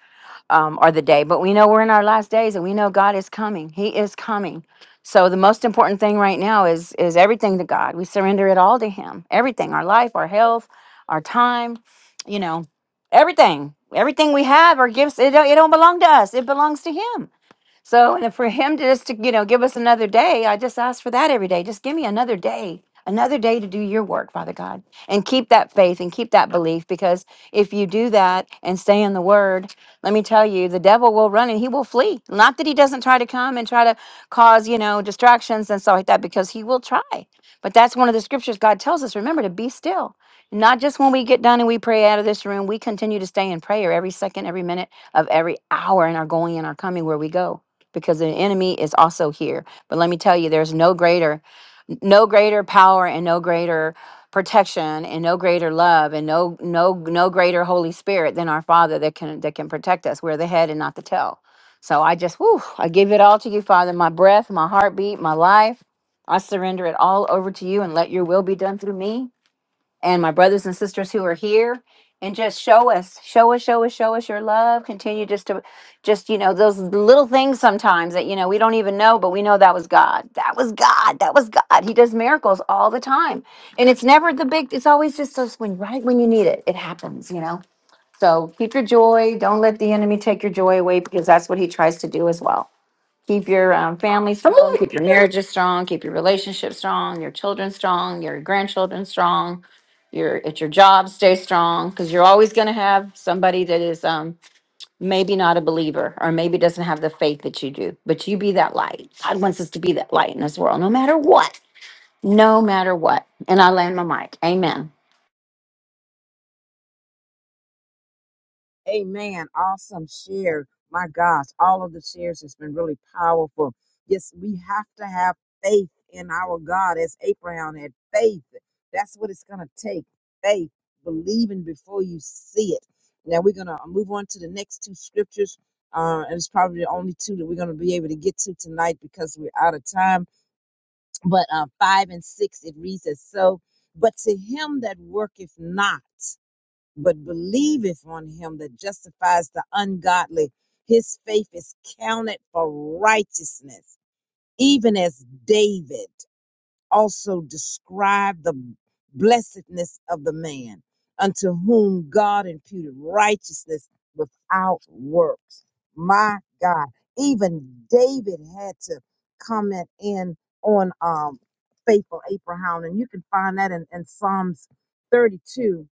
F: um, or the day, but we know we're in our last days and we know God is coming. He is coming. So the most important thing right now is is everything to God. We surrender it all to Him. Everything, our life, our health, our time, you know, everything, everything we have, our gifts. It don't, it don't belong to us. It belongs to Him. So, and for him to just to, you know, give us another day, I just ask for that every day. Just give me another day, another day to do your work, Father God, and keep that faith and keep that belief because if you do that and stay in the word, let me tell you, the devil will run and he will flee. Not that he doesn't try to come and try to cause, you know, distractions and stuff like that because he will try. But that's one of the scriptures God tells us, remember to be still. Not just when we get done and we pray out of this room, we continue to stay in prayer every second, every minute of every hour and our going and our coming where we go because the enemy is also here. But let me tell you, there's no greater, no greater power and no greater protection and no greater love and no no no greater Holy Spirit than our Father that can that can protect us. We're the head and not the tail. So I just, whew, I give it all to you, Father. My breath, my heartbeat, my life. I surrender it all over to you and let your will be done through me and my brothers and sisters who are here and just show us show us show us show us your love continue just to just you know those little things sometimes that you know we don't even know but we know that was god that was god that was god he does miracles all the time and it's never the big it's always just us when right when you need it it happens you know so keep your joy don't let the enemy take your joy away because that's what he tries to do as well Keep your um, family strong, keep your marriages strong, keep your relationships strong, your children strong, your grandchildren strong, your at your job stay strong because you're always going to have somebody that is um, maybe not a believer or maybe doesn't have the faith that you do. But you be that light. God wants us to be that light in this world, no matter what, no matter what. And I land my mic. Amen.
C: Amen. Awesome share. My gosh, all of the shares has been really powerful. Yes, we have to have faith in our God as Abraham had faith. That's what it's going to take faith, believing before you see it. Now we're going to move on to the next two scriptures. Uh, and it's probably the only two that we're going to be able to get to tonight because we're out of time. But uh, five and six, it reads as so. But to him that worketh not, but believeth on him that justifies the ungodly. His faith is counted for righteousness, even as David also described the blessedness of the man unto whom God imputed righteousness without works. My God, even David had to comment in on um, faithful Abraham, and you can find that in, in Psalms 32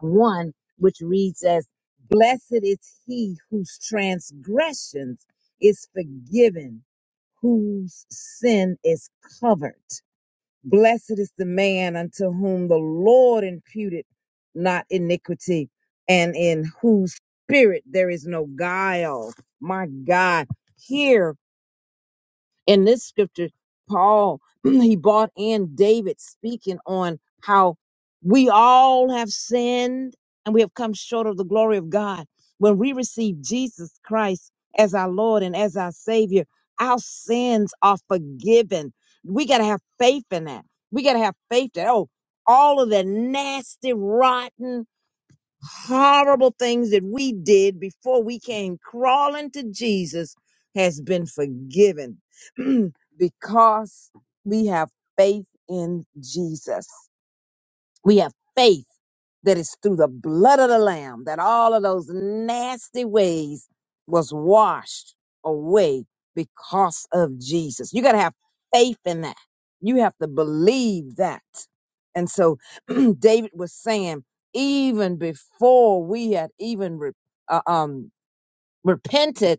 C: 1, which reads as Blessed is he whose transgressions is forgiven, whose sin is covered. Blessed is the man unto whom the Lord imputed not iniquity, and in whose spirit there is no guile. My God, here in this scripture, Paul he brought in David speaking on how we all have sinned and we have come short of the glory of God. When we receive Jesus Christ as our Lord and as our Savior, our sins are forgiven. We got to have faith in that. We got to have faith that, oh, all of the nasty, rotten horrible things that we did before we came crawling to Jesus has been forgiven because we have faith in Jesus. We have faith that is through the blood of the Lamb that all of those nasty ways was washed away because of Jesus. You got to have faith in that. You have to believe that. And so David was saying, even before we had even re- uh, um, repented,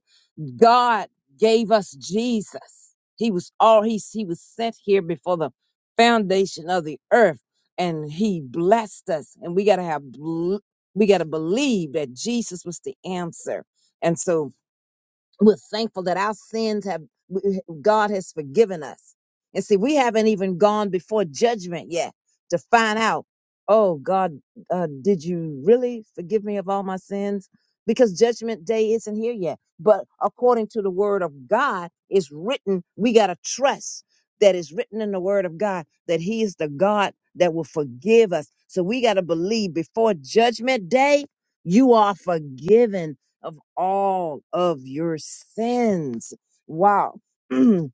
C: God gave us Jesus. He was all he he was sent here before the foundation of the earth, and he blessed us. And we gotta have bel- we gotta believe that Jesus was the answer. And so we're thankful that our sins have, God has forgiven us. And see, we haven't even gone before judgment yet to find out, oh, God, uh, did you really forgive me of all my sins? Because judgment day isn't here yet. But according to the word of God, it's written, we got to trust that is written in the word of God that He is the God that will forgive us. So we got to believe before judgment day, you are forgiven of all of your sins. Wow.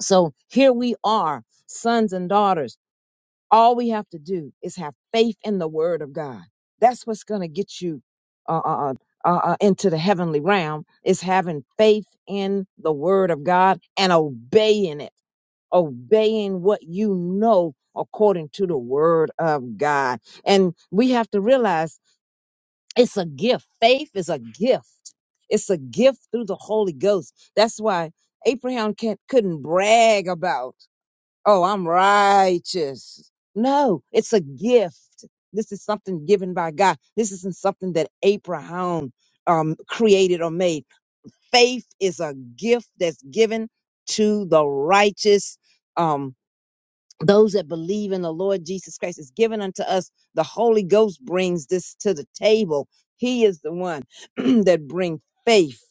C: so here we are, sons and daughters. All we have to do is have faith in the word of God. That's what's going to get you uh, uh, uh, uh, uh, into the heavenly realm is having faith in the word of God and obeying it, obeying what you know according to the word of God. And we have to realize it's a gift. Faith is a gift. It's a gift through the Holy Ghost. That's why Abraham can't, couldn't brag about, oh, I'm righteous. No, it's a gift. This is something given by God. This isn't something that Abraham um, created or made. Faith is a gift that's given to the righteous. Um, those that believe in the Lord Jesus Christ is given unto us. The Holy Ghost brings this to the table. He is the one that bring faith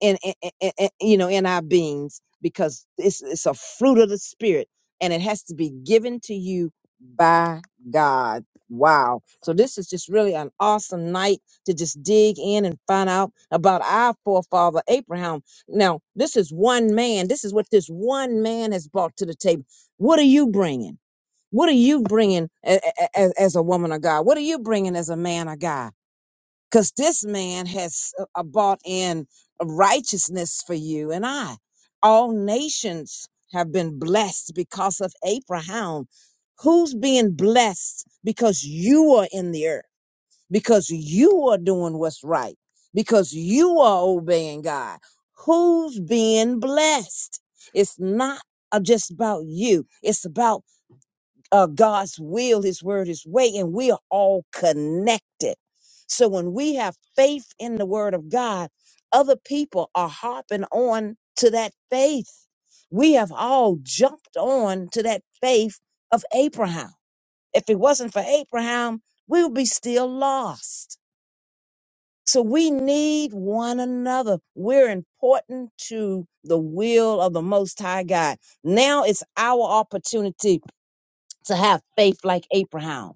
C: in, in- in- in- you know in our beings because it's, it's a fruit of the Spirit and it has to be given to you by God. Wow. So this is just really an awesome night to just dig in and find out about our forefather Abraham. Now, this is one man. This is what this one man has brought to the table what are you bringing? What are you bringing as, as a woman of God? What are you bringing as a man of God? Because this man has uh, uh, bought in righteousness for you and I. All nations have been blessed because of Abraham. Who's being blessed because you are in the earth, because you are doing what's right, because you are obeying God? Who's being blessed? It's not uh, just about you, it's about uh, God's will, His word, His way, and we are all connected. So when we have faith in the word of God, other people are harping on to that faith. We have all jumped on to that faith of Abraham. If it wasn't for Abraham, we would be still lost. So we need one another. We're important to the will of the Most High God. Now it's our opportunity to have faith like Abraham.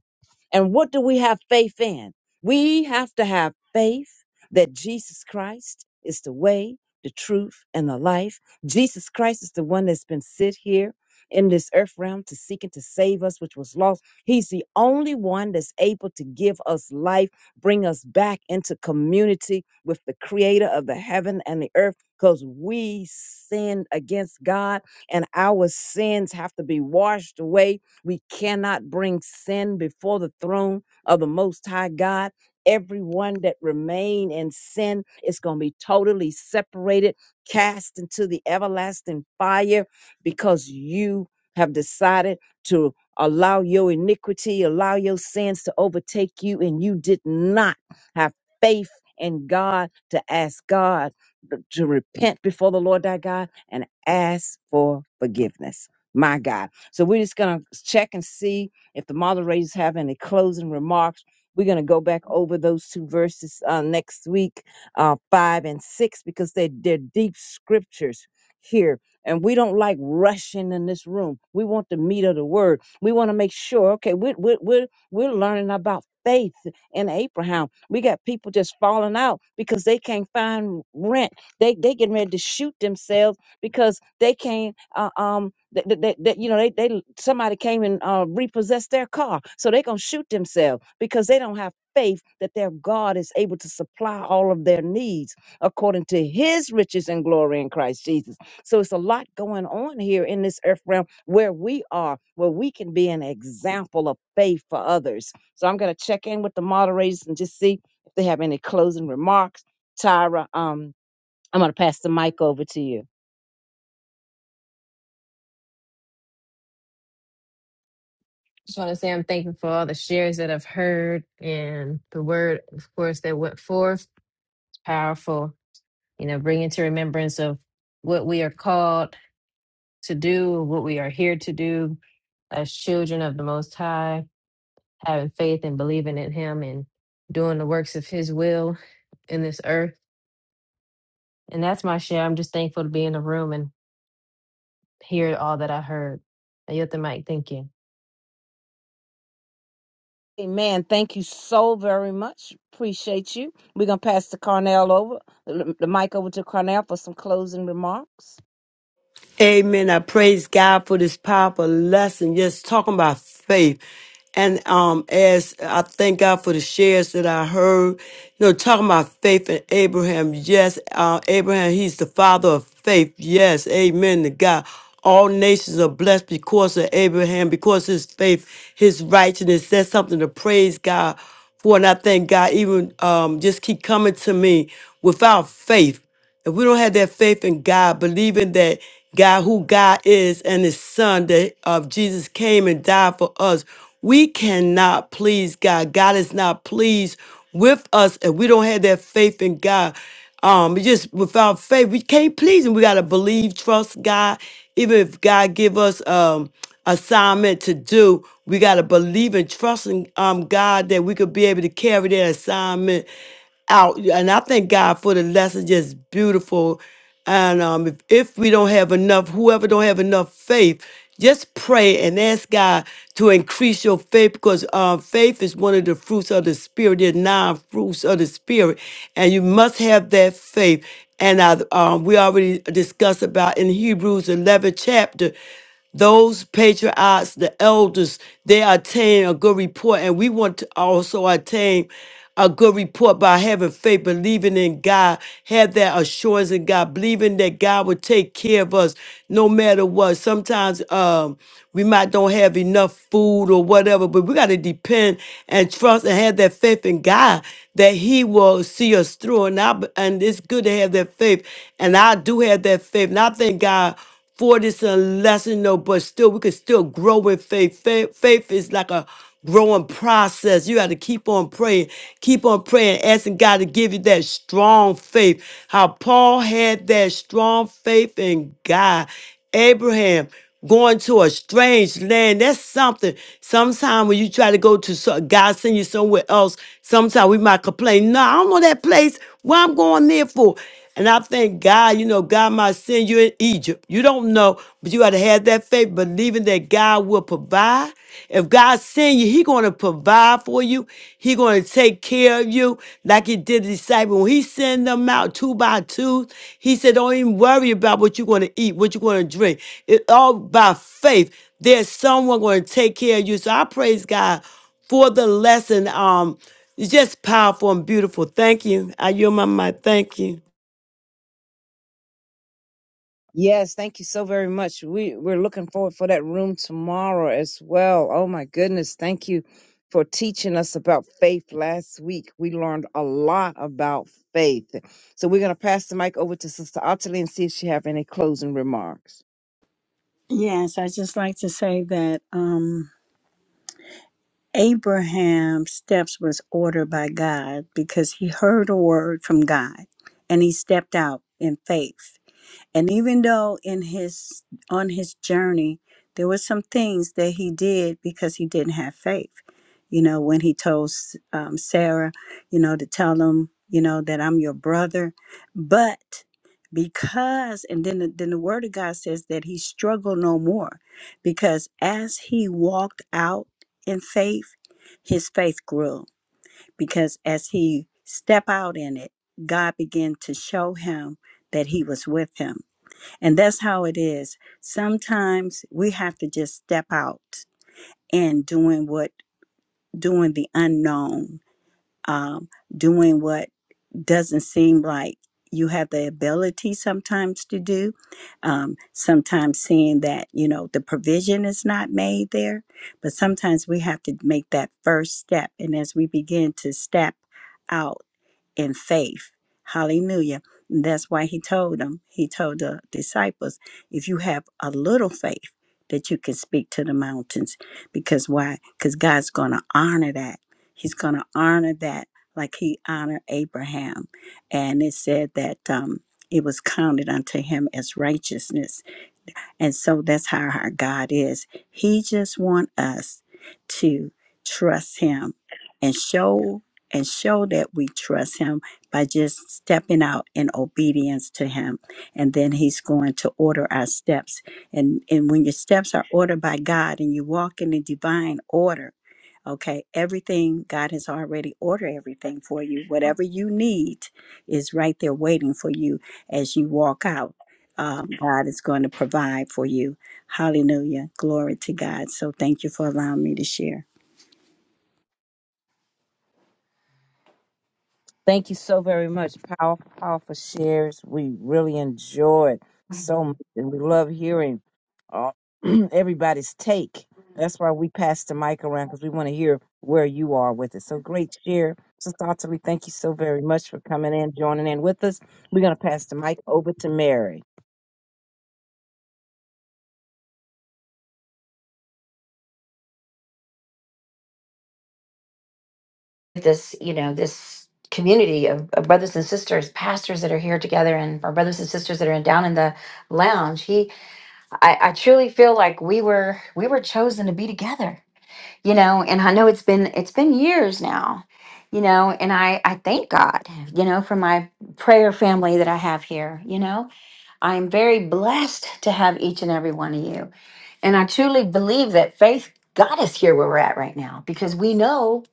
C: And what do we have faith in? We have to have faith that Jesus Christ is the way, the truth, and the life. Jesus Christ is the one that's been sent here in this earth realm to seek and to save us, which was lost. He's the only one that's able to give us life, bring us back into community with the creator of the heaven and the earth, because we sinned against God and our sins have to be washed away we cannot bring sin before the throne of the Most High God. Everyone that remain in sin is going to be totally separated, cast into the everlasting fire because you have decided to allow your iniquity, allow your sins to overtake you, and you did not have faith in God to ask God to repent before the Lord thy God and ask for forgiveness. My God. So we're just going to check and see if the moderators have any closing remarks. We're going to go back over those two verses uh, next week, uh, five and six, because they, they're deep scriptures here. And we don't like rushing in this room. We want the meat of the word. We want to make sure, okay, we're, we're, we're, we're learning about faith in Abraham. We got people just falling out because they can't find rent. They they getting ready to shoot themselves because they came uh, um that, that, that, that, you know they, they somebody came and uh, repossessed their car so they're gonna shoot themselves because they don't have faith that their god is able to supply all of their needs according to his riches and glory in christ jesus so it's a lot going on here in this earth realm where we are where we can be an example of faith for others so i'm gonna check in with the moderators and just see if they have any closing remarks tyra um i'm gonna pass the mic over to you
D: Just want to say I'm thankful for all the shares that I've heard and the word, of course, that went forth. Powerful, you know, bringing to remembrance of what we are called to do, what we are here to do as children of the Most High, having faith and believing in Him and doing the works of His will in this earth. And that's my share. I'm just thankful to be in the room and hear all that I heard. I yield the mic. Thank you.
C: Amen. Thank you so very much. Appreciate you. We're going to pass the Carnell over, the the mic over to Carnell for some closing remarks.
B: Amen. I praise God for this powerful lesson. Just talking about faith. And um, as I thank God for the shares that I heard, you know, talking about faith and Abraham. Yes, uh, Abraham, he's the father of faith. Yes, amen to God. All nations are blessed because of Abraham, because his faith, his righteousness. That's something to praise God for. And I thank God, even um, just keep coming to me without faith. If we don't have that faith in God, believing that God, who God is, and His Son that of Jesus came and died for us, we cannot please God. God is not pleased with us if we don't have that faith in God. Um, we just without faith, we can't please Him. We gotta believe, trust God. Even if God give us um assignment to do, we gotta believe and trust in um God that we could be able to carry that assignment out. And I thank God for the lesson, just beautiful. And um, if, if we don't have enough, whoever don't have enough faith, just pray and ask God to increase your faith because uh, faith is one of the fruits of the spirit. There are nine fruits of the spirit, and you must have that faith. And I, um, we already discussed about in Hebrews 11 chapter those patriarchs, the elders, they attain a good report, and we want to also attain a good report by having faith, believing in God, have that assurance in God, believing that God will take care of us no matter what. Sometimes um, we might don't have enough food or whatever, but we got to depend and trust and have that faith in God that He will see us through. And I, and it's good to have that faith, and I do have that faith, and I thank God for this a lesson though, but still we can still grow in faith. Faith, faith is like a growing process. You got to keep on praying, keep on praying, asking God to give you that strong faith. How Paul had that strong faith in God. Abraham going to a strange land. That's something. Sometimes when you try to go to so- God send you somewhere else, sometimes we might complain. No, I don't know that place. Why I'm going there for? And I thank God, you know, God might send you in Egypt. You don't know, but you got to have that faith, believing that God will provide. If God send you, He going to provide for you. He going to take care of you, like He did the disciples. When He sent them out two by two, He said, "Don't even worry about what you're going to eat, what you're going to drink. It's all by faith. There's someone going to take care of you." So I praise God for the lesson. Um, it's just powerful and beautiful. Thank you. I yield my mic. Thank you.
C: Yes, thank you so very much. We, we're looking forward for that room tomorrow as well. Oh my goodness. Thank you for teaching us about faith last week. We learned a lot about faith. So we're going to pass the mic over to Sister Ottilie and see if she have any closing remarks.
E: Yes, I just like to say that um Abraham's steps was ordered by God because he heard a word from God and he stepped out in faith. And even though in his on his journey there were some things that he did because he didn't have faith. You know, when he told S- um, Sarah, you know, to tell him, you know, that I'm your brother, but because and then the, then the word of God says that he struggled no more because as he walked out in faith, his faith grew because as he stepped out in it, God began to show him that he was with him and that's how it is. Sometimes we have to just step out and doing what, doing the unknown, um, doing what doesn't seem like you have the ability sometimes to do. Um, sometimes seeing that, you know, the provision is not made there, but sometimes we have to make that first step. And as we begin to step out, in faith. Hallelujah. That's why he told them, he told the disciples, if you have a little faith, that you can speak to the mountains. Because why? Because God's going to honor that. He's going to honor that like he honored Abraham. And it said that um, it was counted unto him as righteousness. And so that's how our God is. He just want us to trust him and show and show that we trust him by just stepping out in obedience to him. And then he's going to order our steps. And and when your steps are ordered by God and you walk in the divine order, Okay, everything, God has already ordered everything for you. Whatever you need is right there waiting for you as you walk out. Um, God is going to provide for you. Hallelujah. Glory to God. So thank you for allowing me to share.
C: Thank you so very much. Powerful, powerful shares. We really enjoyed so much, and we love hearing uh, everybody's take. That's why we pass the mic around because we want to hear where you are with it. So great share, Sister Otterly. Thank you so very much for coming in, joining in with us. We're going to pass the mic over to Mary.
F: this you know this community of, of brothers and sisters pastors that are here together and our brothers and sisters that are down in the lounge He. I, I truly feel like we were we were chosen to be together, you know, and I know it's been it's been years now, you know, and I I thank God, you know, for my prayer family that I have here, you know. I am very blessed to have each and every one of you. And I truly believe that faith got us here where we're at right now because we know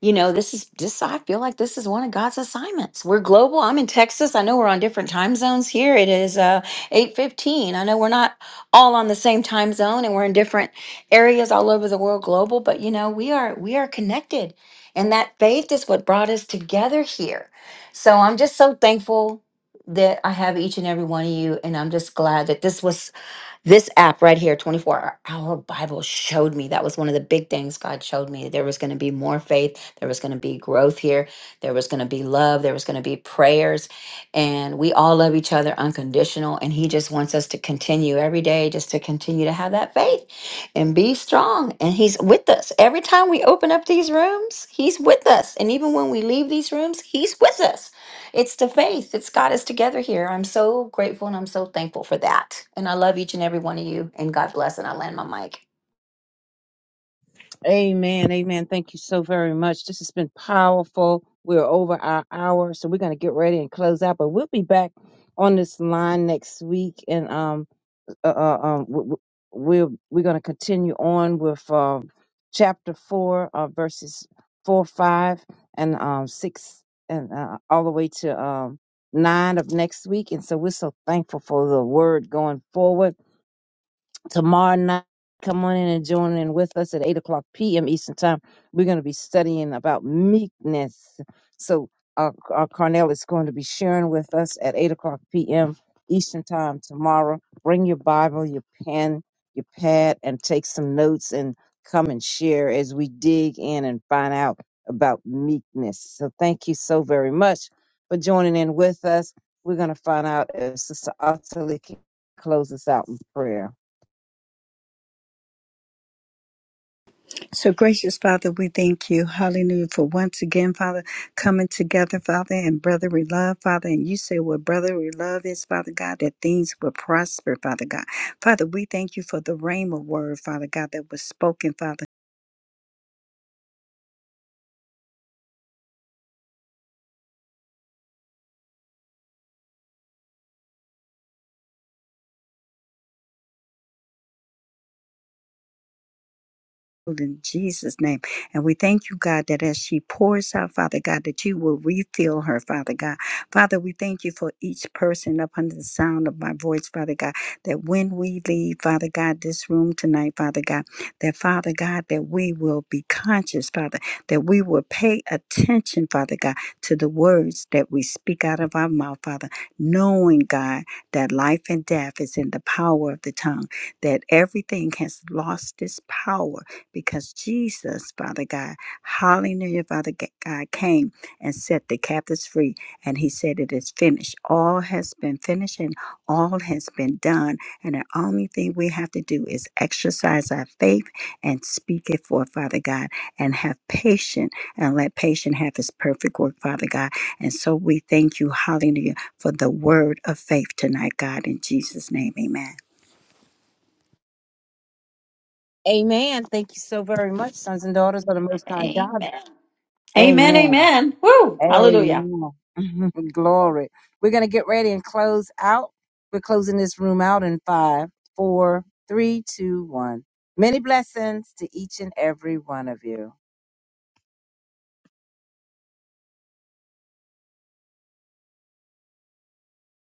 F: you know, this is just I feel like this is one of God's assignments. We're global. I'm in Texas. I know we're on different time zones here. It is uh 8:15. I know we're not all on the same time zone and we're in different areas all over the world global, but you know, we are we are connected. And that faith is what brought us together here. So I'm just so thankful that I have each and every one of you and I'm just glad that this was this app right here, 24 Hour Bible, showed me that was one of the big things God showed me. There was going to be more faith, there was going to be growth here, there was going to be love, there was going to be prayers, and we all love each other unconditional. And He just wants us to continue every day, just to continue to have that faith and be strong. And He's with us. Every time we open up these rooms, He's with us. And even when we leave these rooms, He's with us. It's the faith that's got us together here. I'm so grateful and I'm so thankful for that. And I love each and every one of you. And God bless. And I land my mic.
C: Amen, amen. Thank you so very much. This has been powerful. We're over our hour, so we're going to get ready and close out. But we'll be back on this line next week, and um uh, uh, um, w- w- we're we're going to continue on with um, chapter four, uh, verses four, five, and um, six, and uh, all the way to um, nine of next week. And so we're so thankful for the word going forward tomorrow night. Come on in and join in with us at 8 o'clock p.m. Eastern Time. We're going to be studying about meekness. So, uh, uh, Carnell is going to be sharing with us at 8 o'clock p.m. Eastern Time tomorrow. Bring your Bible, your pen, your pad, and take some notes and come and share as we dig in and find out about meekness. So, thank you so very much for joining in with us. We're going to find out if Sister Ottilie can close us out in prayer.
E: So, gracious Father, we thank you, hallelujah, for once again, Father, coming together, Father, and brotherly love, Father. And you say what brotherly love is, Father God, that things will prosper, Father God. Father, we thank you for the rhema word, Father God, that was spoken, Father. in Jesus' name. And we thank you, God, that as she pours out, Father God, that you will refill her, Father God. Father, we thank you for each person up under the sound of my voice, Father God, that when we leave, Father God, this room tonight, Father God, that Father God, that we will be conscious, Father, that we will pay attention, Father God, to the words that we speak out of our mouth, Father, knowing, God, that life and death is in the power of the tongue, that everything has lost its power because Jesus, Father God, hallelujah, Father G- God, came and set the captives free. And he said, It is finished. All has been finished and all has been done. And the only thing we have to do is exercise our faith and speak it forth, Father God, and have patience and let patience have his perfect work, Father God. And so we thank you, hallelujah, for the word of faith tonight, God, in Jesus' name. Amen.
C: Amen. Thank you so very much, sons and daughters of the Most High God.
F: Amen. Amen.
C: Amen.
F: Amen. Woo. Hallelujah.
C: Amen. Glory. We're going to get ready and close out. We're closing this room out in five, four, three, two, one. Many blessings to each and every one of you.